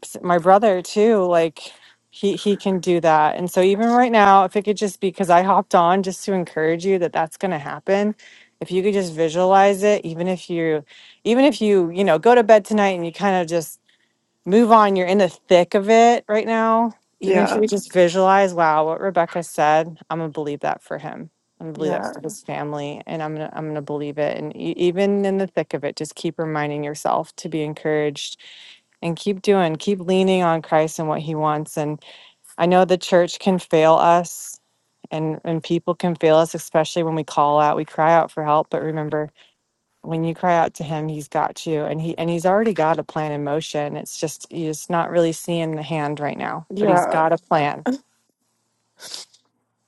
s- my brother too like he he can do that and so even right now if it could just be because i hopped on just to encourage you that that's going to happen if you could just visualize it even if you even if you you know go to bed tonight and you kind of just move on. You're in the thick of it right now. Even if
yeah,
you just visualize, wow, what Rebecca said, I'm gonna believe that for him. I'm gonna believe that
yeah,
for his family, and I'm gonna I'm gonna believe it. And e- even in the thick of it, just keep reminding yourself to be encouraged and keep doing, keep leaning on Christ and what He wants. And I know the church can fail us, and and people can fail us, especially when we call out, we cry out for help. But remember, when you cry out to him he's got you and he and he's already got a plan in motion it's just you're just not really seeing the hand right now but he's
yeah,
got a plan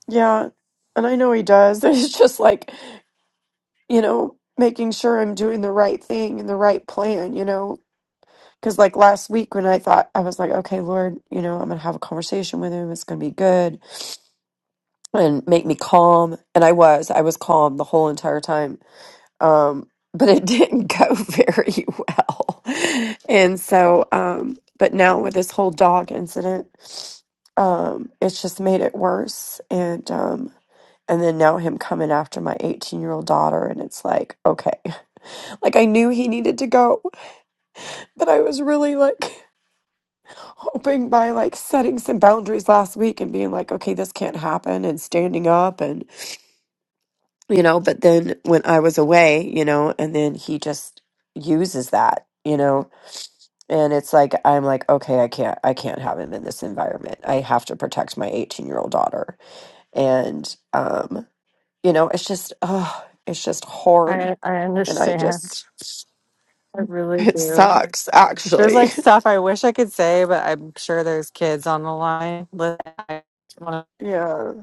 yeah. And I know he does. It's just like, you know, making sure I'm doing the right thing and the right plan, you know. Because like last week when I thought, I was like, okay, Lord, you know, I'm going to have a conversation with him. It's going to be good and make me calm. And I was, I was calm the whole entire time um, but it didn't go very well. And so, um, but now with this whole dog incident, um, it's just made it worse. And um, and then now him coming after my 18 year old daughter, and it's like, okay, like I knew he needed to go, but I was really like hoping by like setting some boundaries last week and being like, okay, this can't happen, and standing up, and you know. But then when I was away, you know, and then he just uses that, you know, And it's like I'm like, okay, I can't I can't have him in this environment. I have to protect my 18-year-old daughter. And um, you know, it's just oh, it's just hard
i i
and I
understand
just
i really
it
do
sucks
there's
actually.
like stuff i wish i could say but i'm sure there's kids on the line Listen, i want
Yeah.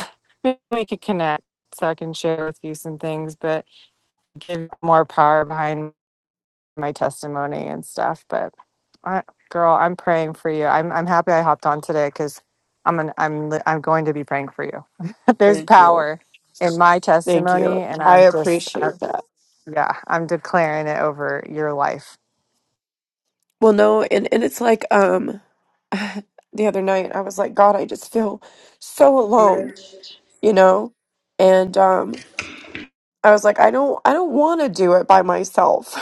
to maybe we could connect so i can share with you some things but give more power behind my testimony and stuff. But I, girl, I'm praying for you. I'm I'm happy I hopped on today because I'm an, I'm li- I'm going to be praying for you. There's
Thank you.
power in my
Thank
testimony,
you.
and
I
I'm just I,
appreciate that.
yeah, I'm declaring it over your life.
Well, no, and and it's like um the other night I was like, God, I just feel so alone, you know? And um I was like, I don't I don't want to do it by myself.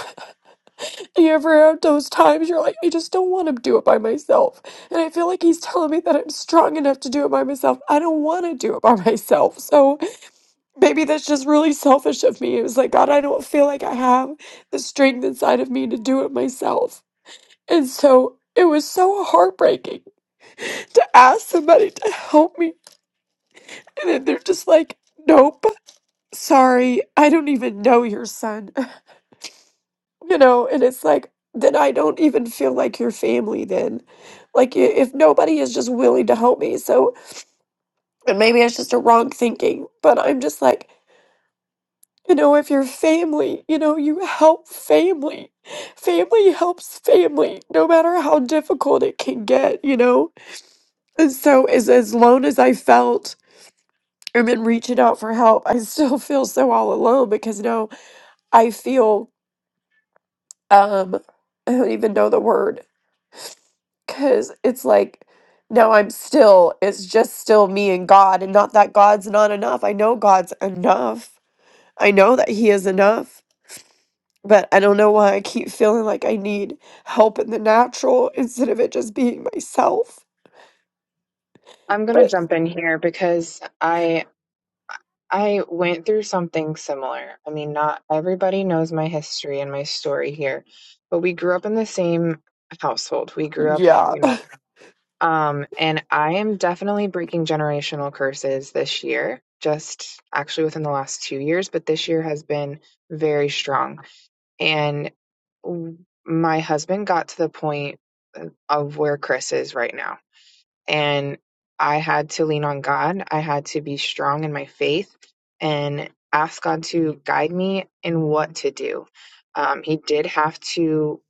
You ever have those times you're like, I just don't want to do it by myself. And I feel like he's telling me that I'm strong enough to do it by myself. I don't want to do it by myself. So maybe that's just really selfish of me. It was like, God, I don't feel like I have the strength inside of me to do it myself. And so it was so heartbreaking to ask somebody to help me. And then they're just like, nope, sorry, I don't even know your son. You know, and it's like, then I don't even feel like your family then. Like i- if nobody is just willing to help me. So, and maybe it's just a wrong thinking, but I'm just like, you know, if you're family, you know, you help family. Family helps family, no matter how difficult it can get, you know? And so as as lone as I felt and then reaching out for help, I still feel so all alone because now I feel um I don't even know the word. Because it's like, no, I'm still, it's just still me and God, and not that God's not enough. I know God's enough. I know that He is enough, but I don't know why I keep feeling like I need help in the natural instead of it just being myself.
I'm gonna
But
jump in here because I I went through something similar. I mean, not everybody knows my history and my story here, but we grew up in the same household. We grew up,
yeah,
you know, um, and I am definitely breaking generational curses this year. Just actually within the last two years, but this year has been very strong. and. w- my husband got to the point uh, of where Chris is right now. And I had to lean on God. I had to be strong in my faith and ask God to guide me in what to do. Um, he did have to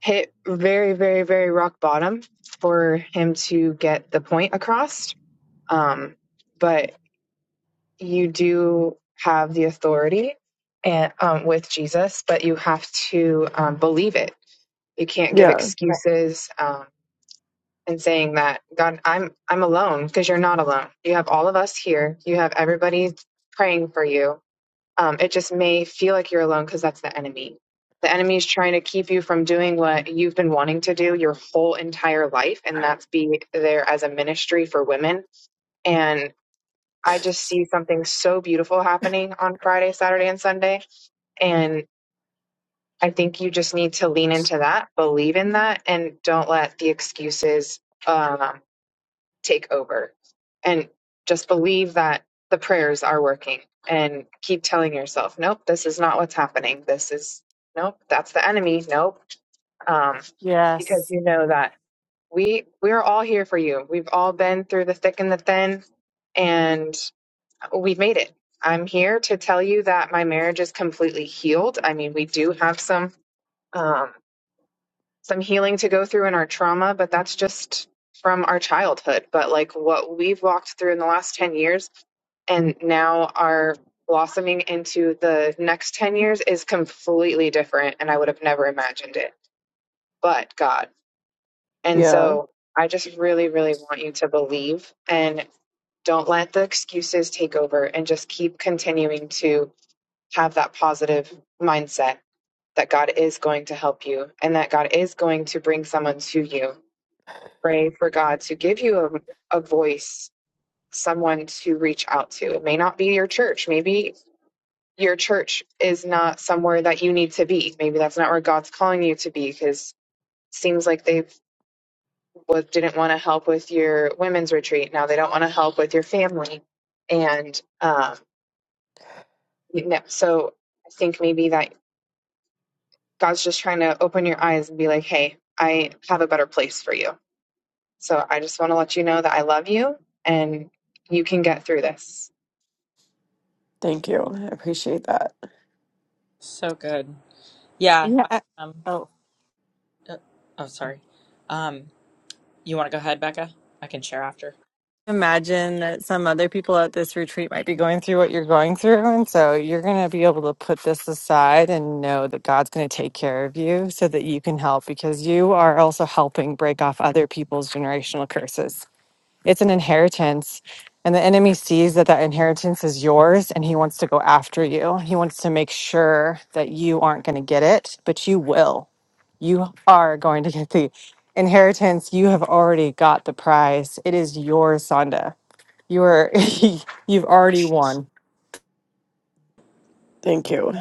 hit very, very, very rock bottom for him to get the point across. Um, but you do have the authority and um, with Jesus, but you have to um, believe it You can't give
yeah,
excuses um, and saying that God, I'm I'm alone because you're not alone. You have all of us here. You have everybody praying for you. Um, it just may feel like you're alone because that's the enemy. The enemy is trying to keep you from doing what you've been wanting to do your whole entire life, and that's be there as a ministry for women. And I just see something so beautiful happening on Friday, Saturday, and Sunday. And I think you just need to lean into that, believe in that, and don't let the excuses um, take over. And just believe that the prayers are working and keep telling yourself, nope, this is not what's happening. This is, nope, that's the enemy. Nope. Um, because
Yes.
you know that we we're all here for you. We've all been through the thick and the thin, and we've made it. I'm here to tell you that my marriage is completely healed. I mean, we do have some. Um, some healing to go through in our trauma, but that's just from our childhood. But like what we've walked through in the last 10 years and now are blossoming into the next 10 years is completely different. And I would have never imagined it, but God. And
yeah.
so I just really, really want you to believe and don't let the excuses take over and just keep continuing to have that positive mindset that God is going to help you and that God is going to bring someone to you Pray for God to give you a, a voice, someone to reach out to. It may not be your church. Maybe your church is not somewhere that you need to be. Maybe that's not where God's calling you to be because it seems like they didn't want to help with your women's retreat. Now they don't want to help with your family. And um, you so I think maybe that God's just trying to open your eyes and be like, hey, I have a better place for you. So I just want to let you know that I love you and you can get through this.
Thank you. I appreciate that.
So good. Yeah.
Yeah.
I,
I-
um.
Oh.
uh, oh, sorry. Um. You want to go ahead, Becca? I can share after.
imagine that some other people at this retreat might be going through what you're going through. And so you're going to be able to put this aside and know that God's going to take care of you so that you can help because you are also helping break off other people's generational curses. It's an inheritance. And the enemy sees that that inheritance is yours and he wants to go after you. He wants to make sure that you aren't going to get it, but you will. You are going to get the inheritance. You have already got the prize. It is yours, Sonda. You are you've already won.
Thank you.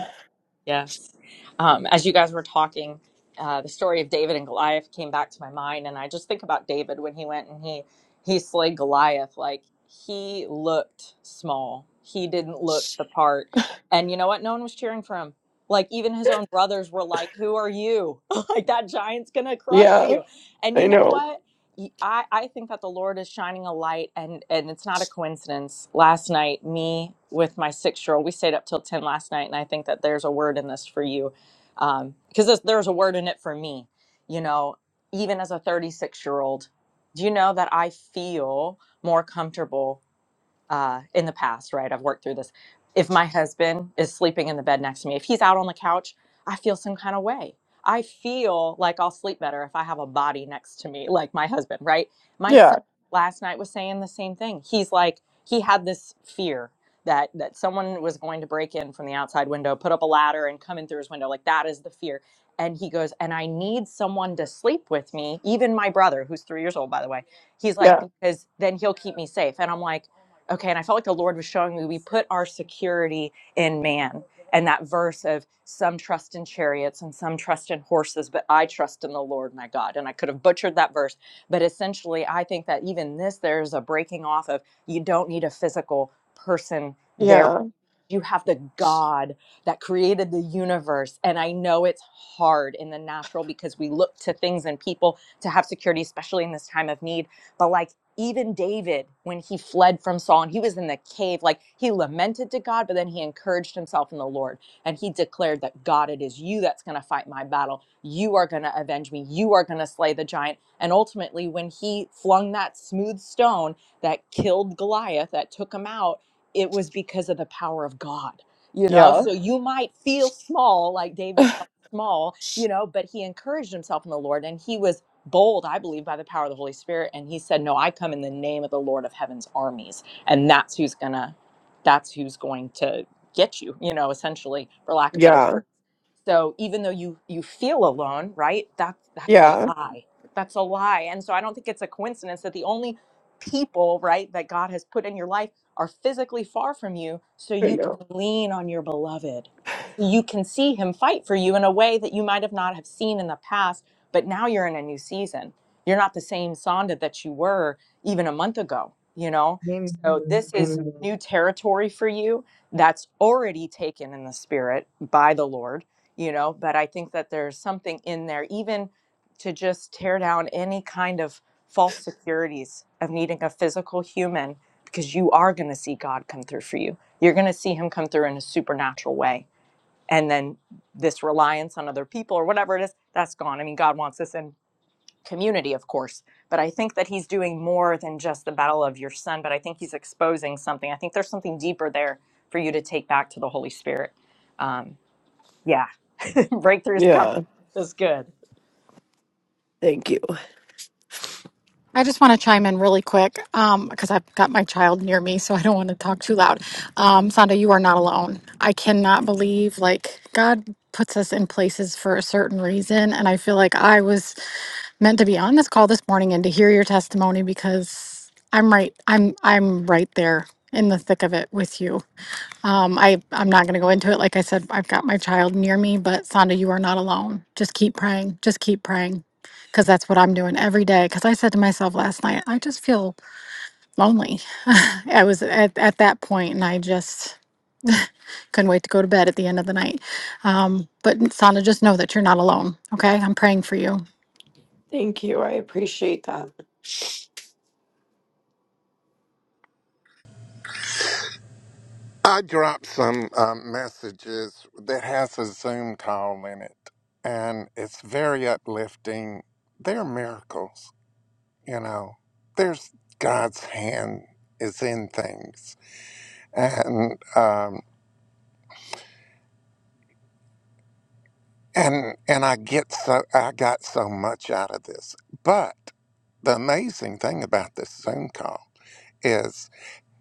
Yes. Um, as you guys were talking, uh, the story of David and Goliath came back to my mind, and I just think about David when he went and he he slayed Goliath. Like he looked small. He didn't look the part. And you know what? No one was cheering for him. Like even his own brothers were like, "Who are you? like that giant's gonna crush
Yeah,
you." And
I
you know
know.
what? I I think that the Lord is shining a light and and it's not a coincidence. Last night, me with my six year old, we stayed up till ten last night, and I think that there's a word in this for you. Um, because there's, there's a word in it for me, you know, even as a 36 year old. Do you know that I feel more comfortable uh, in the past, right? I've worked through this. If my husband is sleeping in the bed next to me, if he's out on the couch, I feel some kind of way. I feel like I'll sleep better if I have a body next to me, like my husband, right? My son
Yeah,
last night was saying the same thing. He's like, he had this fear that that someone was going to break in from the outside window, put up a ladder, and come in through his window. Like that is the fear. And he goes, and I need someone to sleep with me, even my brother, who's three years old, by the way. He's like,
yeah,
because then he'll keep me safe. And I'm like, okay and i felt like the lord was showing me we put our security in man and that verse of some trust in chariots and some trust in horses but i trust in the lord my god and i could have butchered that verse but essentially i think that even this there's a breaking off of you don't need a physical person there
yeah,
you have the God that created the universe. And I know it's hard in the natural because we look to things and people to have security, especially in this time of need. But like even David, when he fled from Saul and he was in the cave, like he lamented to God, but then he encouraged himself in the Lord and he declared that God, it is you that's going to fight my battle. You are going to avenge me. You are going to slay the giant. And ultimately, when he flung that smooth stone that killed Goliath, that took him out it was because of the power of God, you know.
yeah,
So Yeah. you might feel small, like David felt small, you know, but he encouraged himself in the Lord and he was bold, I believe, by the power of the Holy Spirit. And he said, No, I come in the name of the Lord of heaven's armies. And that's who's gonna, that's who's going to get you, you know, essentially, for lack of better
yeah,
words. So even though you you feel alone, right? That that's a
yeah.
lie. That's a lie. And so I don't think it's a coincidence that the only people, right, that God has put in your life are physically far from you so
I
you can
know.
lean on your beloved. So you can see him fight for you in a way that you might have not have seen in the past, but now you're in a new season. You're not the same Sonda that you were even a month ago, you know?
Amen.
So this is
Amen.
new territory for you that's already taken in the spirit by the Lord, you know, but I think that there's something in there even to just tear down any kind of false securities of needing a physical human because you are going to see God come through for you. You're going to see him come through in a supernatural way. And then this reliance on other people or whatever it is, that's gone. I mean, God wants us in community, of course, but I think that he's doing more than just the battle of your son, but I think he's exposing something. I think there's something deeper there for you to take back to the Holy Spirit. Um, yeah, breakthrough's coming.
Yeah.
That's good.
Thank you.
I just want to chime in really quick um, because I've got my child near me, so I don't want to talk too loud. Um, Sonda, you are not alone. I cannot believe, like, God puts us in places for a certain reason. And I feel like I was meant to be on this call this morning and to hear your testimony because I'm right. I'm I'm right there in the thick of it with you. Um, I, I'm not going to go into it. Like I said, I've got my child near me, but Sonda, you are not alone. Just keep praying. Just keep praying. Because that's what I'm doing every day. Because I said to myself last night, I just feel lonely. I was at, at that point and I just couldn't wait to go to bed at the end of the night. Um, but Sonda, just know that you're not alone. Okay. I'm praying for you.
Thank you. I appreciate that.
I dropped some uh, messages that has a Zoom call in it, and it's very uplifting. They're miracles, you know. There's God's hand is in things and um, and and I get so I got so much out of this. But the amazing thing about this Zoom call is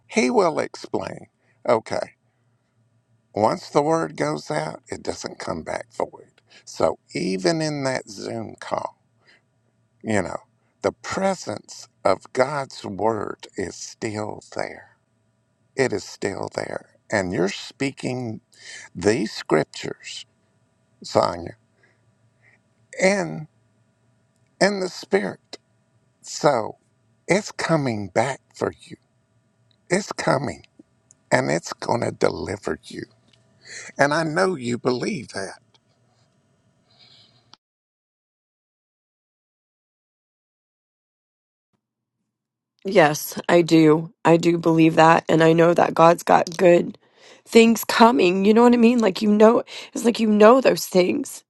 he will explain. Okay, once the word goes out, it doesn't come back void. So even in that Zoom call, you know, the presence of God's word is still there. It is still there, and you're speaking these scriptures, Sonia, in in the spirit. So it's coming back for you. It's coming and it's going to deliver you. And I know you believe that.
Yes, I do. I do believe that. And I know that God's got good things coming. You know what I mean? Like, you know, it's like you know those things.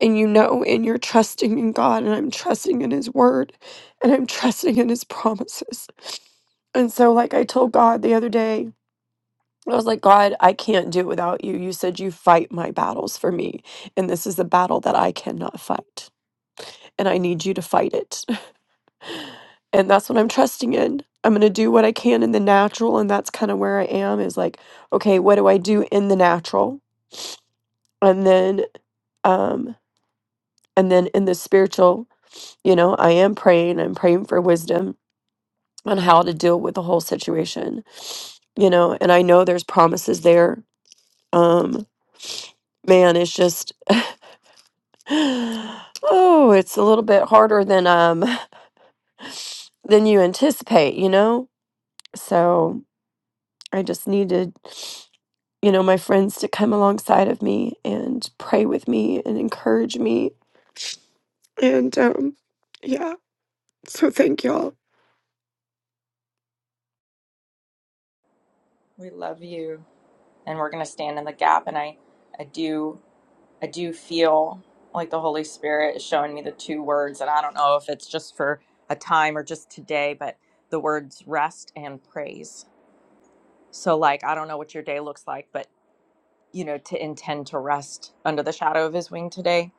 And you know, and you're trusting in God. And I'm trusting in His word. And I'm trusting in His promises. And so, like, I told God the other day, I was like, God, I can't do it without you. You said you fight my battles for me. And this is the battle that I cannot fight. And I need you to fight it and that's what I'm trusting in. I'm going to do what I can in the natural and that's kind of where I am is like okay, what do I do in the natural? And then um and then in the spiritual, you know, I am praying, I'm praying for wisdom on how to deal with the whole situation. You know, and I know there's promises there. Um man, it's just oh, it's a little bit harder than um than you anticipate, you know? So, I just needed. you know, my friends to come alongside of me and pray with me and encourage me. And um, yeah, so thank y'all.
We love you. And we're going to stand in the gap. And I, I do. I do feel like the Holy Spirit is showing me the two words, and I don't know if it's just for a time or just today, but the words rest and praise. So, like, I don't know what your day looks like, but you know, to intend to rest under the shadow of His wing today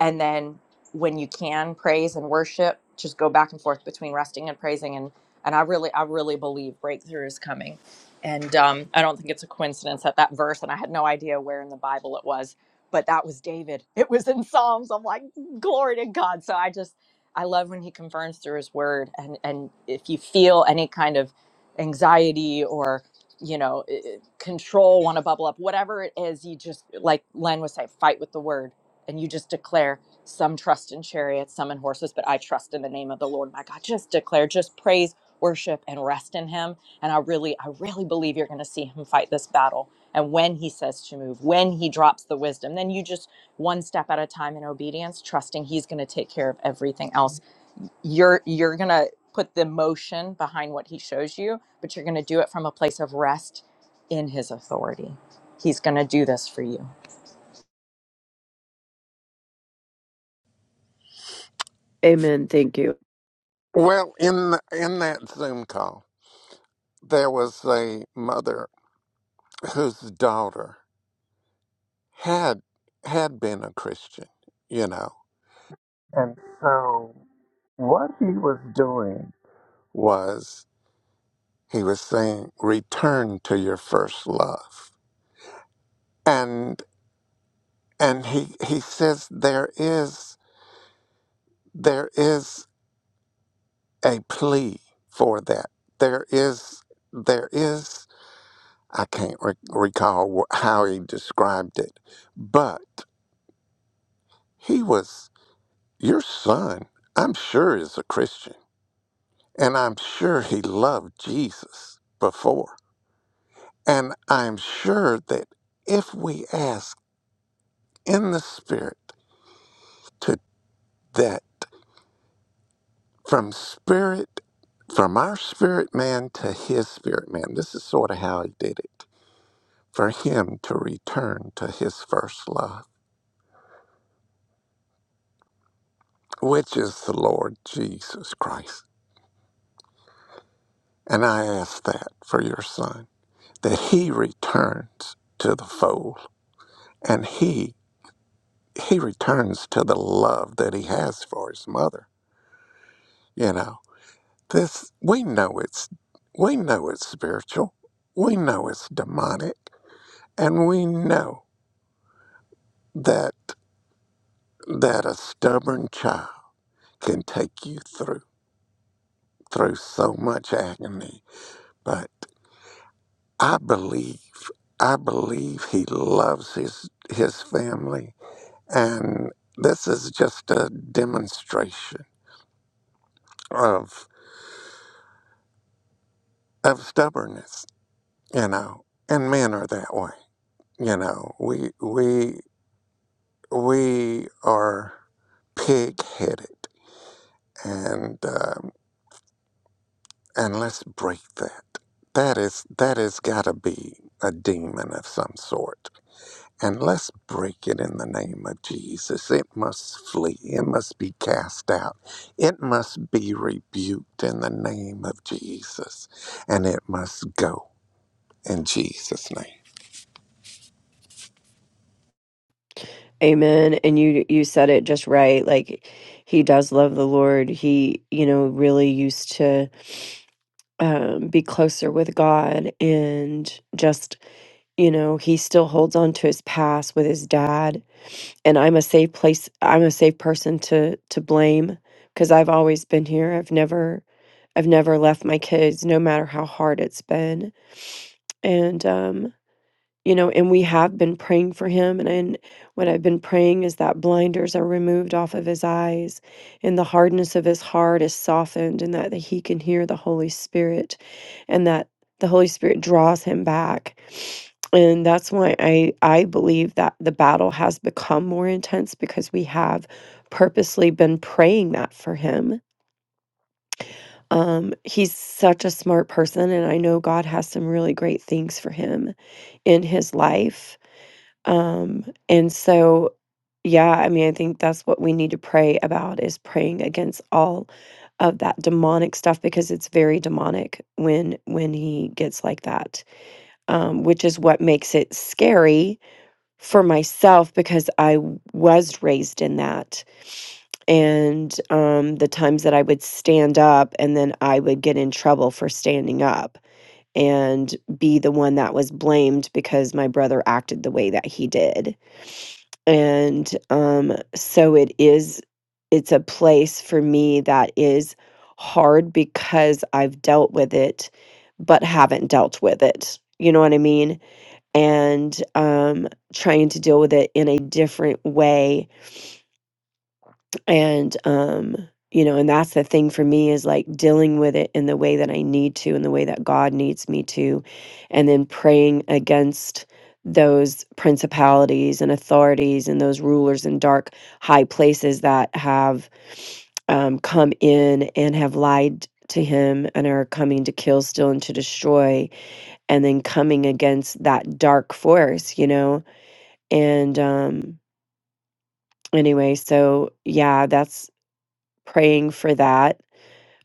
and then when you can praise and worship just go back and forth between resting and praising and and i really i really believe breakthrough is coming and um, i don't think it's a coincidence that that verse and i had no idea where in the bible it was but that was david it was in psalms i'm like glory to god so i just i love when he confirms through his word and and if you feel any kind of anxiety or you know i- i- control want to bubble up whatever it is you just like len was saying fight with the word and you just declare some trust in chariots, some in horses, but I trust in the name of the Lord my God. Just declare, just praise, worship, and rest in him. And I really, I really believe you're going to see him fight this battle. And when he says to move, when he drops the wisdom, then you just one step at a time in obedience, trusting he's going to take care of everything else. You're you're going to put the motion behind what he shows you, but you're going to do it from a place of rest in his authority. He's going to do this for you.
Amen. Thank you.
Well, in the, in that Zoom call, there was a mother whose daughter had had been a Christian, you know. And so what he was doing was he was saying return to your first love. And and he he says there is there is a plea for that. There is, there is, I can't re- recall wh- how he described it, but he was your son. I'm sure is a Christian, and I'm sure he loved Jesus before, and I'm sure that if we ask in the spirit to that from spirit. From our spirit man to his spirit man. This is sort of how he did it for him to return to his first love, which is the Lord Jesus Christ. And I ask that for your son, that he returns to the fold and he he returns to the love that he has for his mother. You know, this we know it's we know it's spiritual. We know it's demonic. And we know that that a stubborn child can take you through through so much agony. But I believe, I believe he loves his his family, and this is just a demonstration of of stubbornness, you know. And men are that way, you know. We we we are pig-headed, and um, and let's break that. That is that has got to be a demon of some sort And let's break it in the name of Jesus. It must flee. It must be cast out. It must be rebuked in the name of Jesus. And it must go in Jesus' name.
Amen. And you you said it just right. Like he does love the Lord. He, you know, really used to um be closer with God and just, you know, he still holds on to his past with his dad and I'm a safe place. I'm a safe person to to blame because I've always been here. I've never I've never left my kids, no matter how hard it's been. And um, you know, and we have been praying for him, and and what I've been praying is that blinders are removed off of his eyes, and the hardness of his heart is softened, and that, that he can hear the Holy Spirit, and that the Holy Spirit draws him back. And that's why I I believe that the battle has become more intense because we have purposely been praying that for him. Um, he's such a smart person, and I know God has some really great things for him in his life um, and so, yeah, I mean, I think that's what we need to pray about is praying against all of that demonic stuff because it's very demonic when when he gets like that, um, which is what makes it scary for myself because I w- was raised in that. And um, the times that I would stand up and then I would get in trouble for standing up and be the one that was blamed because my brother acted the way that he did and, um, so it is it's a place for me that is hard because I've dealt with it, but haven't dealt with it. You know what I mean? And, um, trying to deal with it in a different way and um you know and that's the thing for me is like dealing with it in the way that i need to in the way that god needs me to and then praying against those principalities and authorities and those rulers in dark high places that have um, come in and have lied to him and are coming to kill steal and to destroy and then coming against that dark force you know and um anyway so yeah that's Praying for that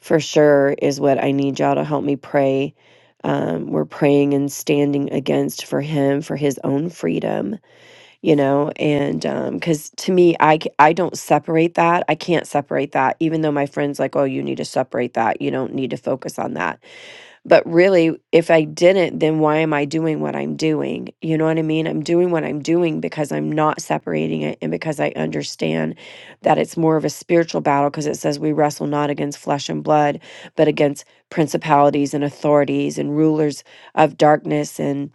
for sure is what I need y'all to help me pray. Um, we're praying and standing against for him for his own freedom, you know, and because to me, I c- I don't separate that. I can't separate that, even though my friends like, oh, you need to separate that. You don't need to focus on that but really, if I didn't, then why am I doing what I'm doing? You know what I mean? I'm doing what I'm doing because I'm not separating it and because I understand that it's more of a spiritual battle because it says we wrestle not against flesh and blood, but against principalities and authorities and rulers of darkness. And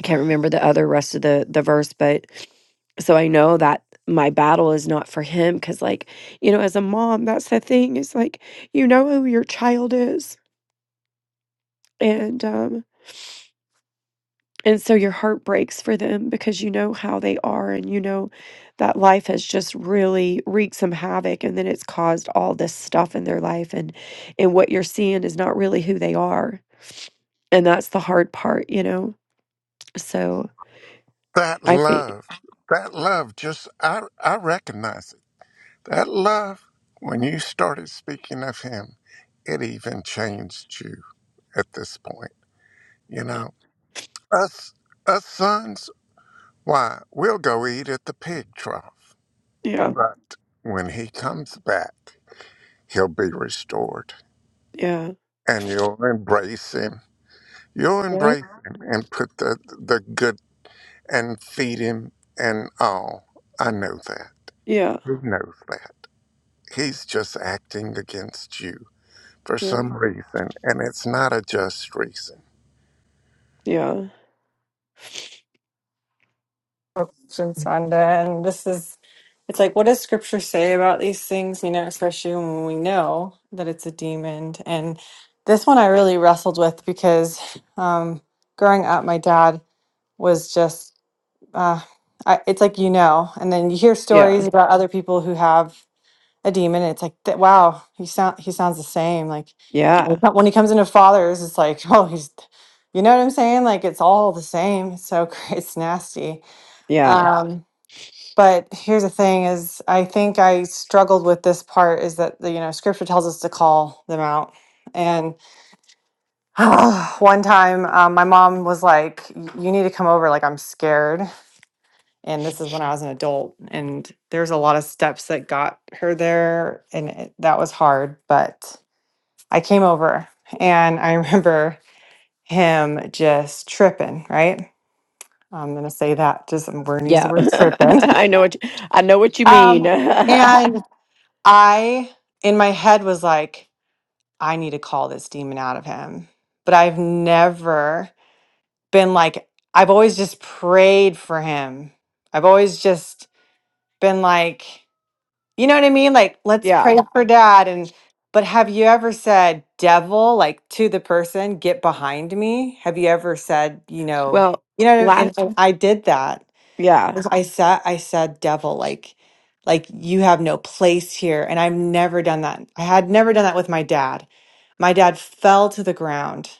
I can't remember the other rest of the, the verse, but so I know that my battle is not for him because, like, you know, as a mom, that's the thing is like, you know who your child is. And, um, And so your heart breaks for them because you know how they are and you know that life has just really wreaked some havoc and then it's caused all this stuff in their life and and what you're seeing is not really who they are. And that's the hard part, you know. So
That
I think
love, that love, just, I, I recognize it. That love, when you started speaking of him, it even changed you at this point. You know, us, us sons, why, we'll go eat at the pig trough.
yeah,
But when he comes back, he'll be restored.
yeah.
And you'll embrace him. You'll
Yeah.
embrace him and put the, the good and feed him and all. I know that.
Yeah.
Who knows that? He's just acting against you for
Yeah.
some reason, and it's not a just reason.
Yeah.
Corruption Sunday, and this is it's like what does scripture say about these things you know especially when we know that it's a demon and this one i really wrestled with because um growing up my dad was just uh I, it's like you know and then you hear
Yeah.
stories about other people who have a demon and it's like that wow he sound he sounds the same like when
Yeah.
when he comes into fathers it's like oh he's you know what i'm saying like it's all the same it's so cra- it's nasty
Yeah.
Yeah. um but here's the thing is i think i struggled with this part is that the you know scripture tells us to call them out and one time um, my mom was like "Y- you need to come over like i'm scared and this is when i was an adult and there's a lot of steps that got her there and it, that was hard but i came over and i remember him just tripping right i'm gonna say that just i'm gonna use the
Yeah.
word tripping
I know what you, I know what you mean.
um, I, in my head, was like, I need to call this demon out of him. But I've never been like, I've always just prayed for him. I've always just been like, you know what I mean? Like, let's pray
yeah.
Yeah. for dad. And, but have you ever said, devil, like to the person, get behind me? Have you ever said, you know,
Well,
you know, what I-
la-
and, and I did that
yeah.
was- I said, I said, devil, like, like you have no place here. And I've never done that. I had never done that with my dad. My dad fell to the ground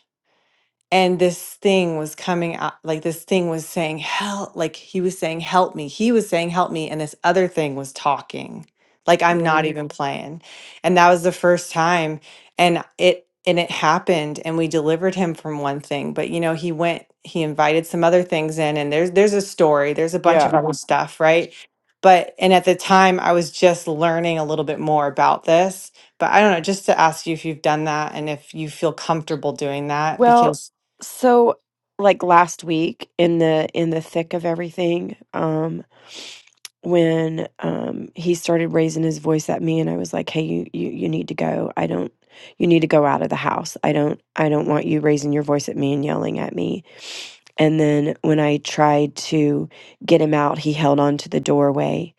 and this thing was coming out like this thing was saying help like he was saying help me he was saying help me and this other thing was talking like i'm not
Mm,
even playing and that was the first time and it and it happened and we delivered him from one thing but you know he went he invited some other things in and there's there's a story there's a bunch
yeah.
of other Mhm. stuff right but and at the time i was just learning a little bit more about this but i don't know just to ask you if you've done that and if you feel comfortable doing that
Well,
because
so like last week in the in the thick of everything, um when um he started raising his voice at me and I was like, "Hey, you you you need to go. I don't you need to go out of the house. I don't I don't want you raising your voice at me and yelling at me." And then when I tried to get him out, he held on to the doorway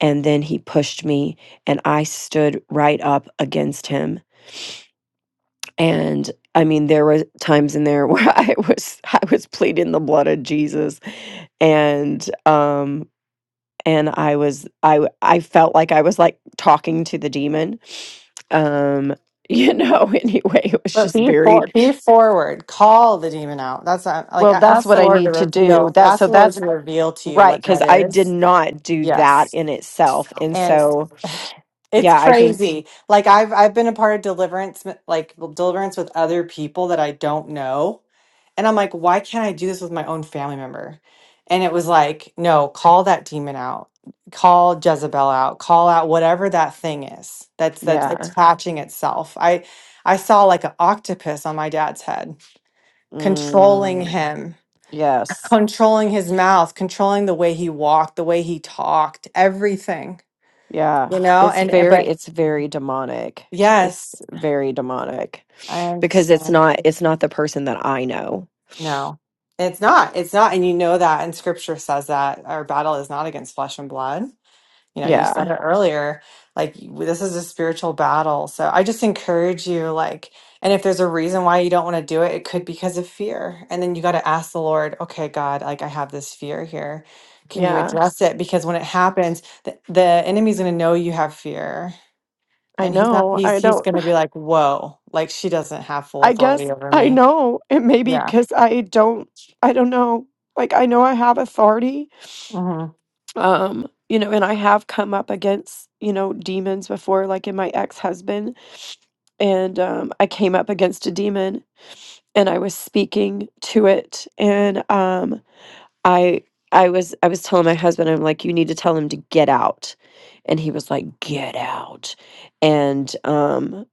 and then he pushed me and I stood right up against him and I mean, there were times in there where I was I was pleading the blood of Jesus, and um, and I was I w- I felt like I was like talking to the demon, um, you know. Anyway, it was
But
just
be
very
for, be forward. Call the demon out. That's not, like
well.
a-
That's
ask
what
the
I
Lord to
need to do.
reveal.
That
Ask
so
the Lord
that's
to reveal to you
right
what
because
that
I did
is.
not do that
Yes,
in itself, and
and
so
it's
yeah, I think
crazy. Like I've I've been a part of deliverance, like deliverance with other people that I don't know, and I'm like, why can't I do this with my own family member? And it was like, no, call that demon out. Call Jezebel out. Call out whatever that thing is that's that's Yeah.
yeah,
attaching itself. I I saw like an octopus on my dad's head, controlling
mm,
him,
yes.
controlling his mouth, controlling the way he walked, the way he talked, everything.
Yeah,
You know,
it's
and and-
very
but
it's very demonic.
yes,
It's very demonic.
I
because it's
understand.
not it's not the person that I know.
No. It's not. It's not. And you know that. And scripture says that our battle is not against flesh and blood you know you said
Yeah.
it earlier like you- this is a spiritual battle so i just encourage you like and if there's a reason why you don't want to do it it could be because of fear and then you got to ask the lord okay god like i have this fear here can you
Yeah.
address it because when it happens the, the enemy's going to know you have fear
I
and he's not
know.
he's
I
he's
don't
going to be like whoa like she doesn't have full
I
authority
guess
over
I
me
know. It may be
yeah
cuz I don't I don't know. Like I know I have authority.
mm-hmm.
Um, you know, and I have come up against, you know, demons before like in my ex-husband and um I came up against a demon and I was speaking to it and um I I was I was telling my husband, I'm like, "You need to tell him to get out." And he was like, "Get out." And, um,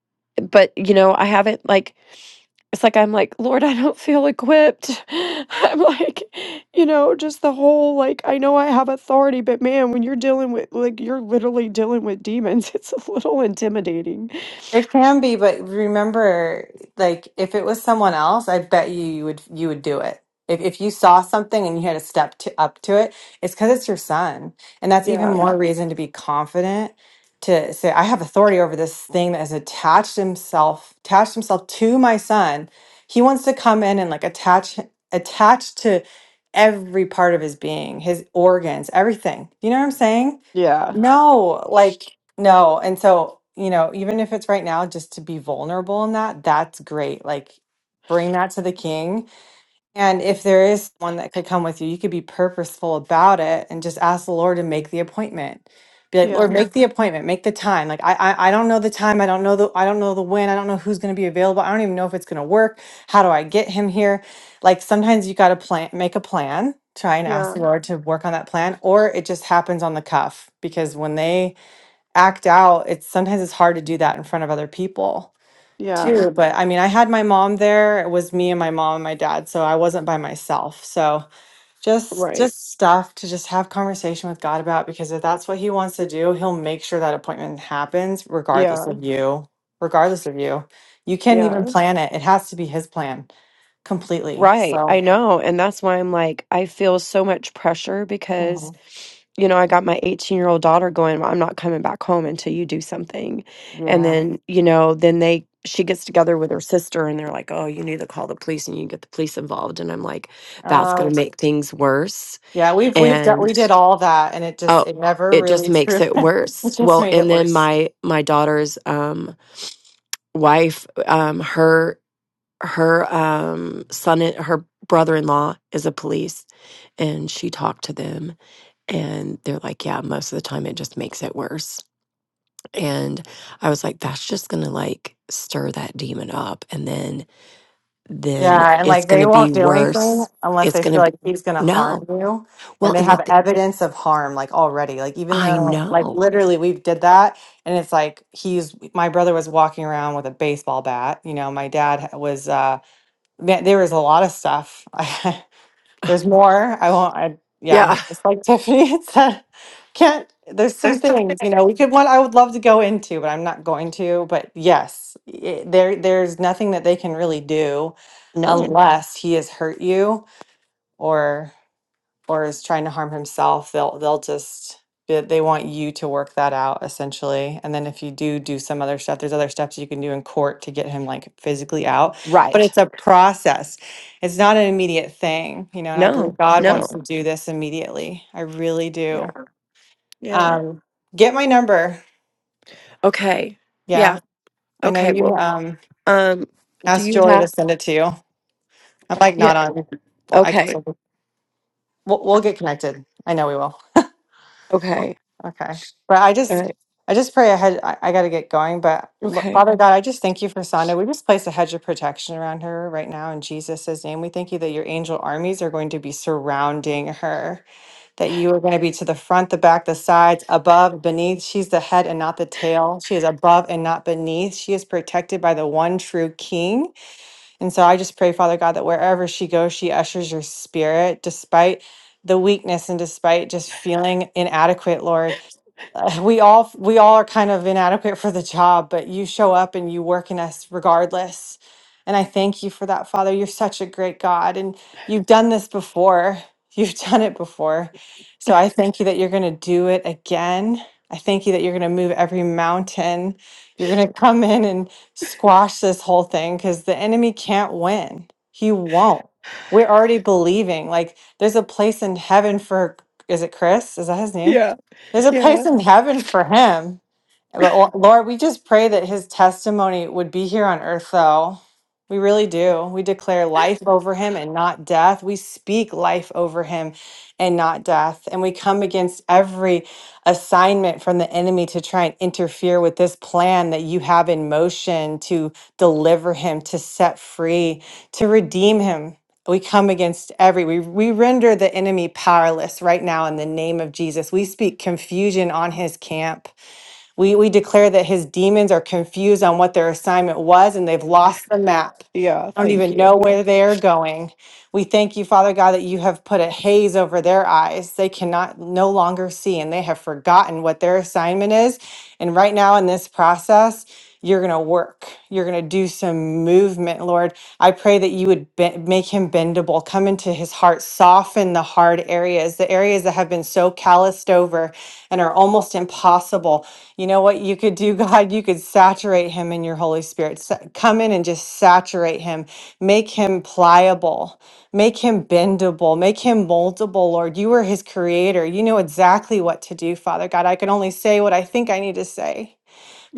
but, you know, I like it's like, "Lord, I don't feel equipped." I'm like, you know, just the whole like, I know I have authority, but man, when you're dealing with like you're literally dealing with demons, it's a little intimidating.
It can be, but remember, like if it was someone else, I bet you you would you would do it. If if you saw something and you had to step to, up to it, it's because it's your son, and that's even
Yeah.
more reason to be confident to say, "I have authority over this thing that has attached himself attached himself to my son." He wants to come in and like attach attach to every part of his being, his organs, everything. You know what I'm saying?
Yeah.
No, like, no. And so, you know, even if it's right now, just to be vulnerable in that, that's great. Like, bring that to the king and if there is one that could come with you, you could be purposeful about it and just ask the Lord to make the appointment. Be like, Lord,
Yeah.
Yeah. make the appointment, make the time. Like I, I, I don't know the time. I don't know the, I don't know the when. I don't know who's going to be available. I don't even know if it's going to work. How do I get him here? Like sometimes you got to plan, make a plan, try and ask
Yeah.
the Mhm. Lord to work on that plan, or it just happens on the cuff because when they act out, it's sometimes it's hard to do that in front of other people
Yeah.
too. But I mean, I had my mom there. It was me and my mom and my dad, so I wasn't by myself. So just
Right.
just stuff to just have conversation with God about because if that's what He wants to do, He'll make sure that appointment happens regardless
Yeah.
of you. Regardless of you, you can't
Yeah.
even plan it. It has to be His plan completely.
Right. I
So.
know. And that's why I'm like, I feel so much pressure because,
mhm,
you know, I got my 18 year old daughter going, "Well, I'm not coming back home until you do something. And
Yeah.
then, you know, then they, she gets together with her sister and they're like, oh, you need to call the police and you get the police involved. And I'm like, that's going
Oh,
to make things worse.
yeah. We've we've done,
And,
we did all that, and it just
oh,
it never
it just
really threw.
makes it worse.
It just
Well,
made
and
it
then
worse.
my, my daughter's, um, wife, um, her, her, um, son, her brother in law is a police and she talked to them and they're like yeah most of the time it just makes it worse and i was like that's just gonna like stir that demon up and then then
Yeah, and
it's
like they
gonna be
won't do anything
worse
unless
it's
they
gonna
feel
be
like he's going to harm
no
you, and
well
they
and the
have
th-
evidence of harm like already. Like even
i
though like
know
literally we did that, and it's like he's my brother was walking around with a baseball bat. You know, my dad was uh man, there was a lot of stuff. There's more. I won't. I yeah.
yeah
It's like Tiffany had said. Can't. There's some
that's the
things you
thing
know. We could one. I would love to go into, but I'm not going to. But yes, it, there. There's nothing that they can really do,
no
unless he has hurt you or or is trying to harm himself, they'll they'll just they they want you to work that out essentially. And then if you do do some other stuff, there's other steps you can do in court to get him like physically out. But
right
it's a process. It's not an immediate thing, you know. And I
no
believe God
no
wants to do this immediately. I really
yeah
do.
yeah
Um, get my number.
okay yeah
Yeah, I know
okay
you.
well
Um,
um do
asked
you
Joy to
have
send it to you. I'm like not
yeah
on. Well, I guess
okay
we'll, we'll we'll get connected. I know we will.
okay
Okay. But I
all
just,
right
I just pray ahead. I, I got to get going. But look,
okay
Father God, I just thank you for Sonda. We just place a hedge of protection around her right now in Jesus' name. We thank you that your angel armies are going to be surrounding her, that you are going to be to the front, the back, the sides, above, beneath. She's the head and not the tail. She is above and not beneath. She is protected by the one true King. And so I just pray, Father God, that wherever she goes, she ushers your spirit despite the weakness and despite just feeling inadequate, Lord uh, we all we all are kind of inadequate for the job but you show up and you work in us regardless and i thank you for that father you're such a great god and you've done this before you've done it before so i thank you that you're going to do it again i thank you that you're going to move every mountain you're going to come in and squash this whole thing because the enemy can't win he won't we're already believing like there's a place in heaven for is it chris is that his name
yeah
there's a
yeah
place in heaven for him. But Lo- Lord, we just pray that his testimony would be here on earth, though. We really do. We declare life over him and not death. We speak life over him and not death. And we come against every assignment from the enemy to try and interfere with this plan that you have in motion to deliver him, to set free, to redeem him. We come against every, we, we render the enemy powerless right now in the name of Jesus. We speak confusion on his camp. We, we declare that his demons are confused on what their assignment was and they've lost the map.
yeah,
Don't
thank
even
you.
know where they're going. We thank you, Father God, that you have put a haze over their eyes. They cannot no longer see and they have forgotten what their assignment is. And right now in this process, you're going to work. You're going to do some movement, Lord. I pray that you would be- make him bendable, come into his heart, soften the hard areas, the areas that have been so so calloused over and are almost impossible. You know what you could do, God? You could saturate him in your Holy Spirit. Sa- Come in and just saturate him. Make him pliable. Make him bendable. Make him moldable, Lord. You are his creator. You know exactly what to do, Father God. I can only say what I think I need to say.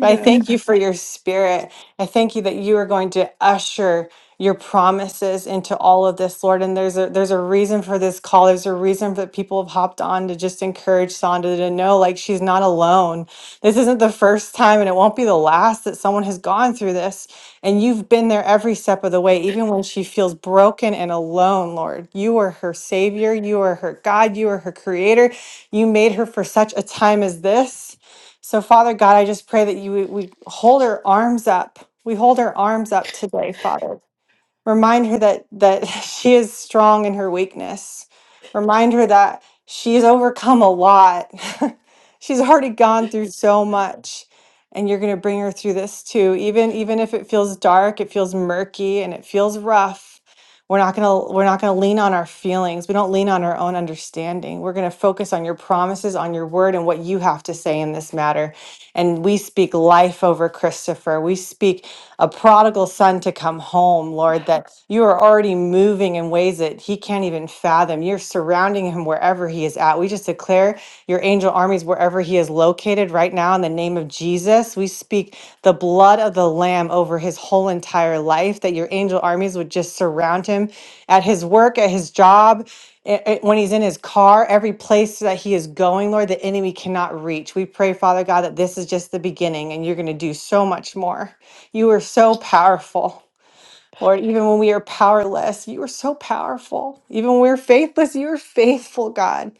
But I thank you for your spirit. I thank you that you are going to usher your promises into all of this, Lord. And there's a there's a reason for this call. There's a reason that people have hopped on to just encourage Sonda to know like she's not alone. This isn't the first time and it won't be the last that someone has gone through this. And you've been there every step of the way, even when she feels broken and alone, Lord. You are her savior, you are her God, you are her creator. You made her for such a time as this. So, Father God, I just pray that you we hold her arms up. We hold her arms up today, Father. Remind her that that she is strong in her weakness. Remind her that she's overcome a lot. she's already gone through so much, and you're going to bring her through this too. Even even if it feels dark, it feels murky, and it feels rough. We're not going to we're not going to lean on our feelings. We don't lean on our own understanding. We're going to focus on your promises, on your word and what you have to say in this matter. And we speak life over Christopher. We speak a prodigal son to come home, Lord, that you are already moving in ways that he can't even fathom. You're surrounding him wherever he is at. We just declare your angel armies wherever wherever he is located right now in the name of Jesus. We speak the blood of the Lamb over his whole entire life, that your angel armies would just surround him at his work, at his job, i- i- when he's in his car, every place that he is going, Lord, the enemy cannot reach. We pray, Father God, that this is just the beginning and you're going to do so much more. You are so powerful. Lord, even when we are powerless, you are so powerful. Even when we're faithless, you are faithful, God.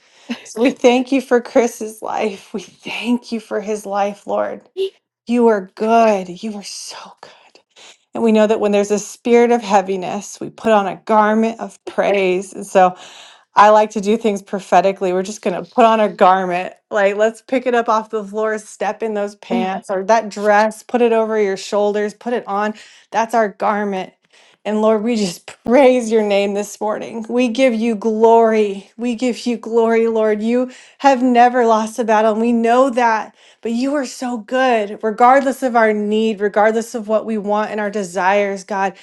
So we thank you for Chris's life. We thank you for his life, Lord. You are good. You are so good. And we know that when there's a spirit of heaviness, we put on a garment of praise. And so I like to do things prophetically. We're just going to put on a garment. Like, let's pick it up off the floor, step in those pants or that dress, put it over your shoulders, put it on. That's our garment. And Lord, we just praise your name this morning. We give you glory. We give you glory, Lord. You have never lost a battle, and we know that. But you are so good, regardless of our need, regardless of what we want and our desires, God.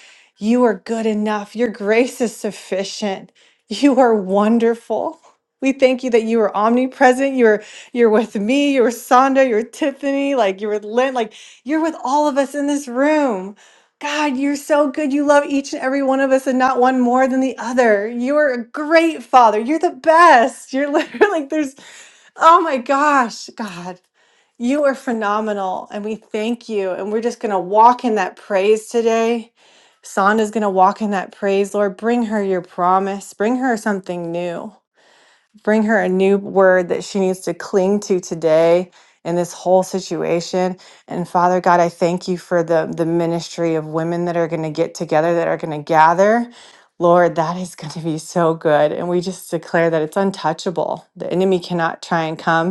You are good enough. Your grace is sufficient. You are wonderful. We thank you that you are omnipresent. You're you're with me, you're with Sonda, you're Tiffany, like you're with Lynn, like you're with all of us in this room. God, you're so good. You love each and every one of us and not one more than the other. You're a great father. You're the best. You're literally like there's oh my gosh, God. You are phenomenal and we thank you and we're just going to walk in that praise today. Sonda's going to walk in that praise, Lord. Bring her your promise. Bring her something new. Bring her a new word that she needs to cling to today in this whole situation. And Father God, I thank you for the, the ministry of women that are going to get together, that are going to gather. Lord, that is going to be so good. And we just declare that it's untouchable. The enemy cannot try and come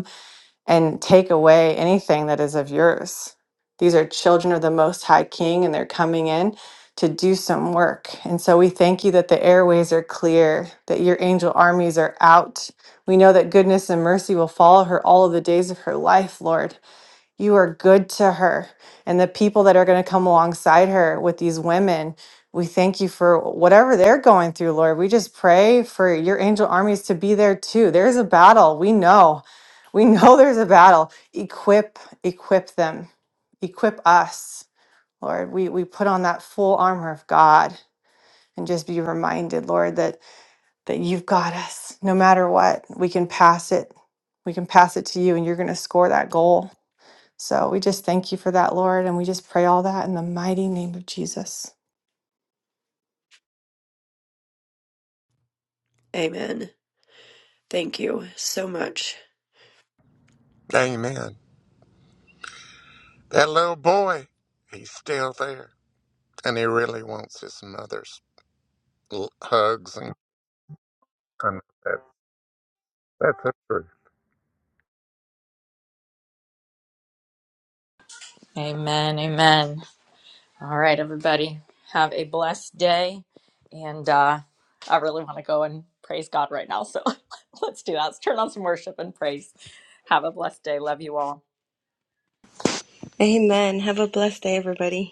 and take away anything that is of yours. These are children of the Most High King, and they're coming in to do some work. And so we thank you that the airways are clear, that your angel armies are out. We know that goodness and mercy will follow her all of the days of her life, Lord. You are good to her. And the people that are going to come alongside her with these women, we thank you for whatever they're going through, Lord. We just pray for your angel armies to be there too. There's a battle. We know. We know there's a battle. Equip, equip them, equip us, Lord. We, we put on that full armor of God and just be reminded, Lord, that, that you've got us no matter what. We can pass it. We can pass it to you, and you're going to score that goal. So we just thank you for that, Lord, and we just pray all that in the mighty name of Jesus.
Amen. That little boy, he's still there, and he really wants his mother's l- hugs and and that- that's a truth.
Amen. Amen. All right, everybody. Have a blessed day. And uh, I really want to go and praise God right now. So let's do that. Let's turn on some worship and praise. Have a blessed day. Love you all.
Amen. Have a blessed day, everybody.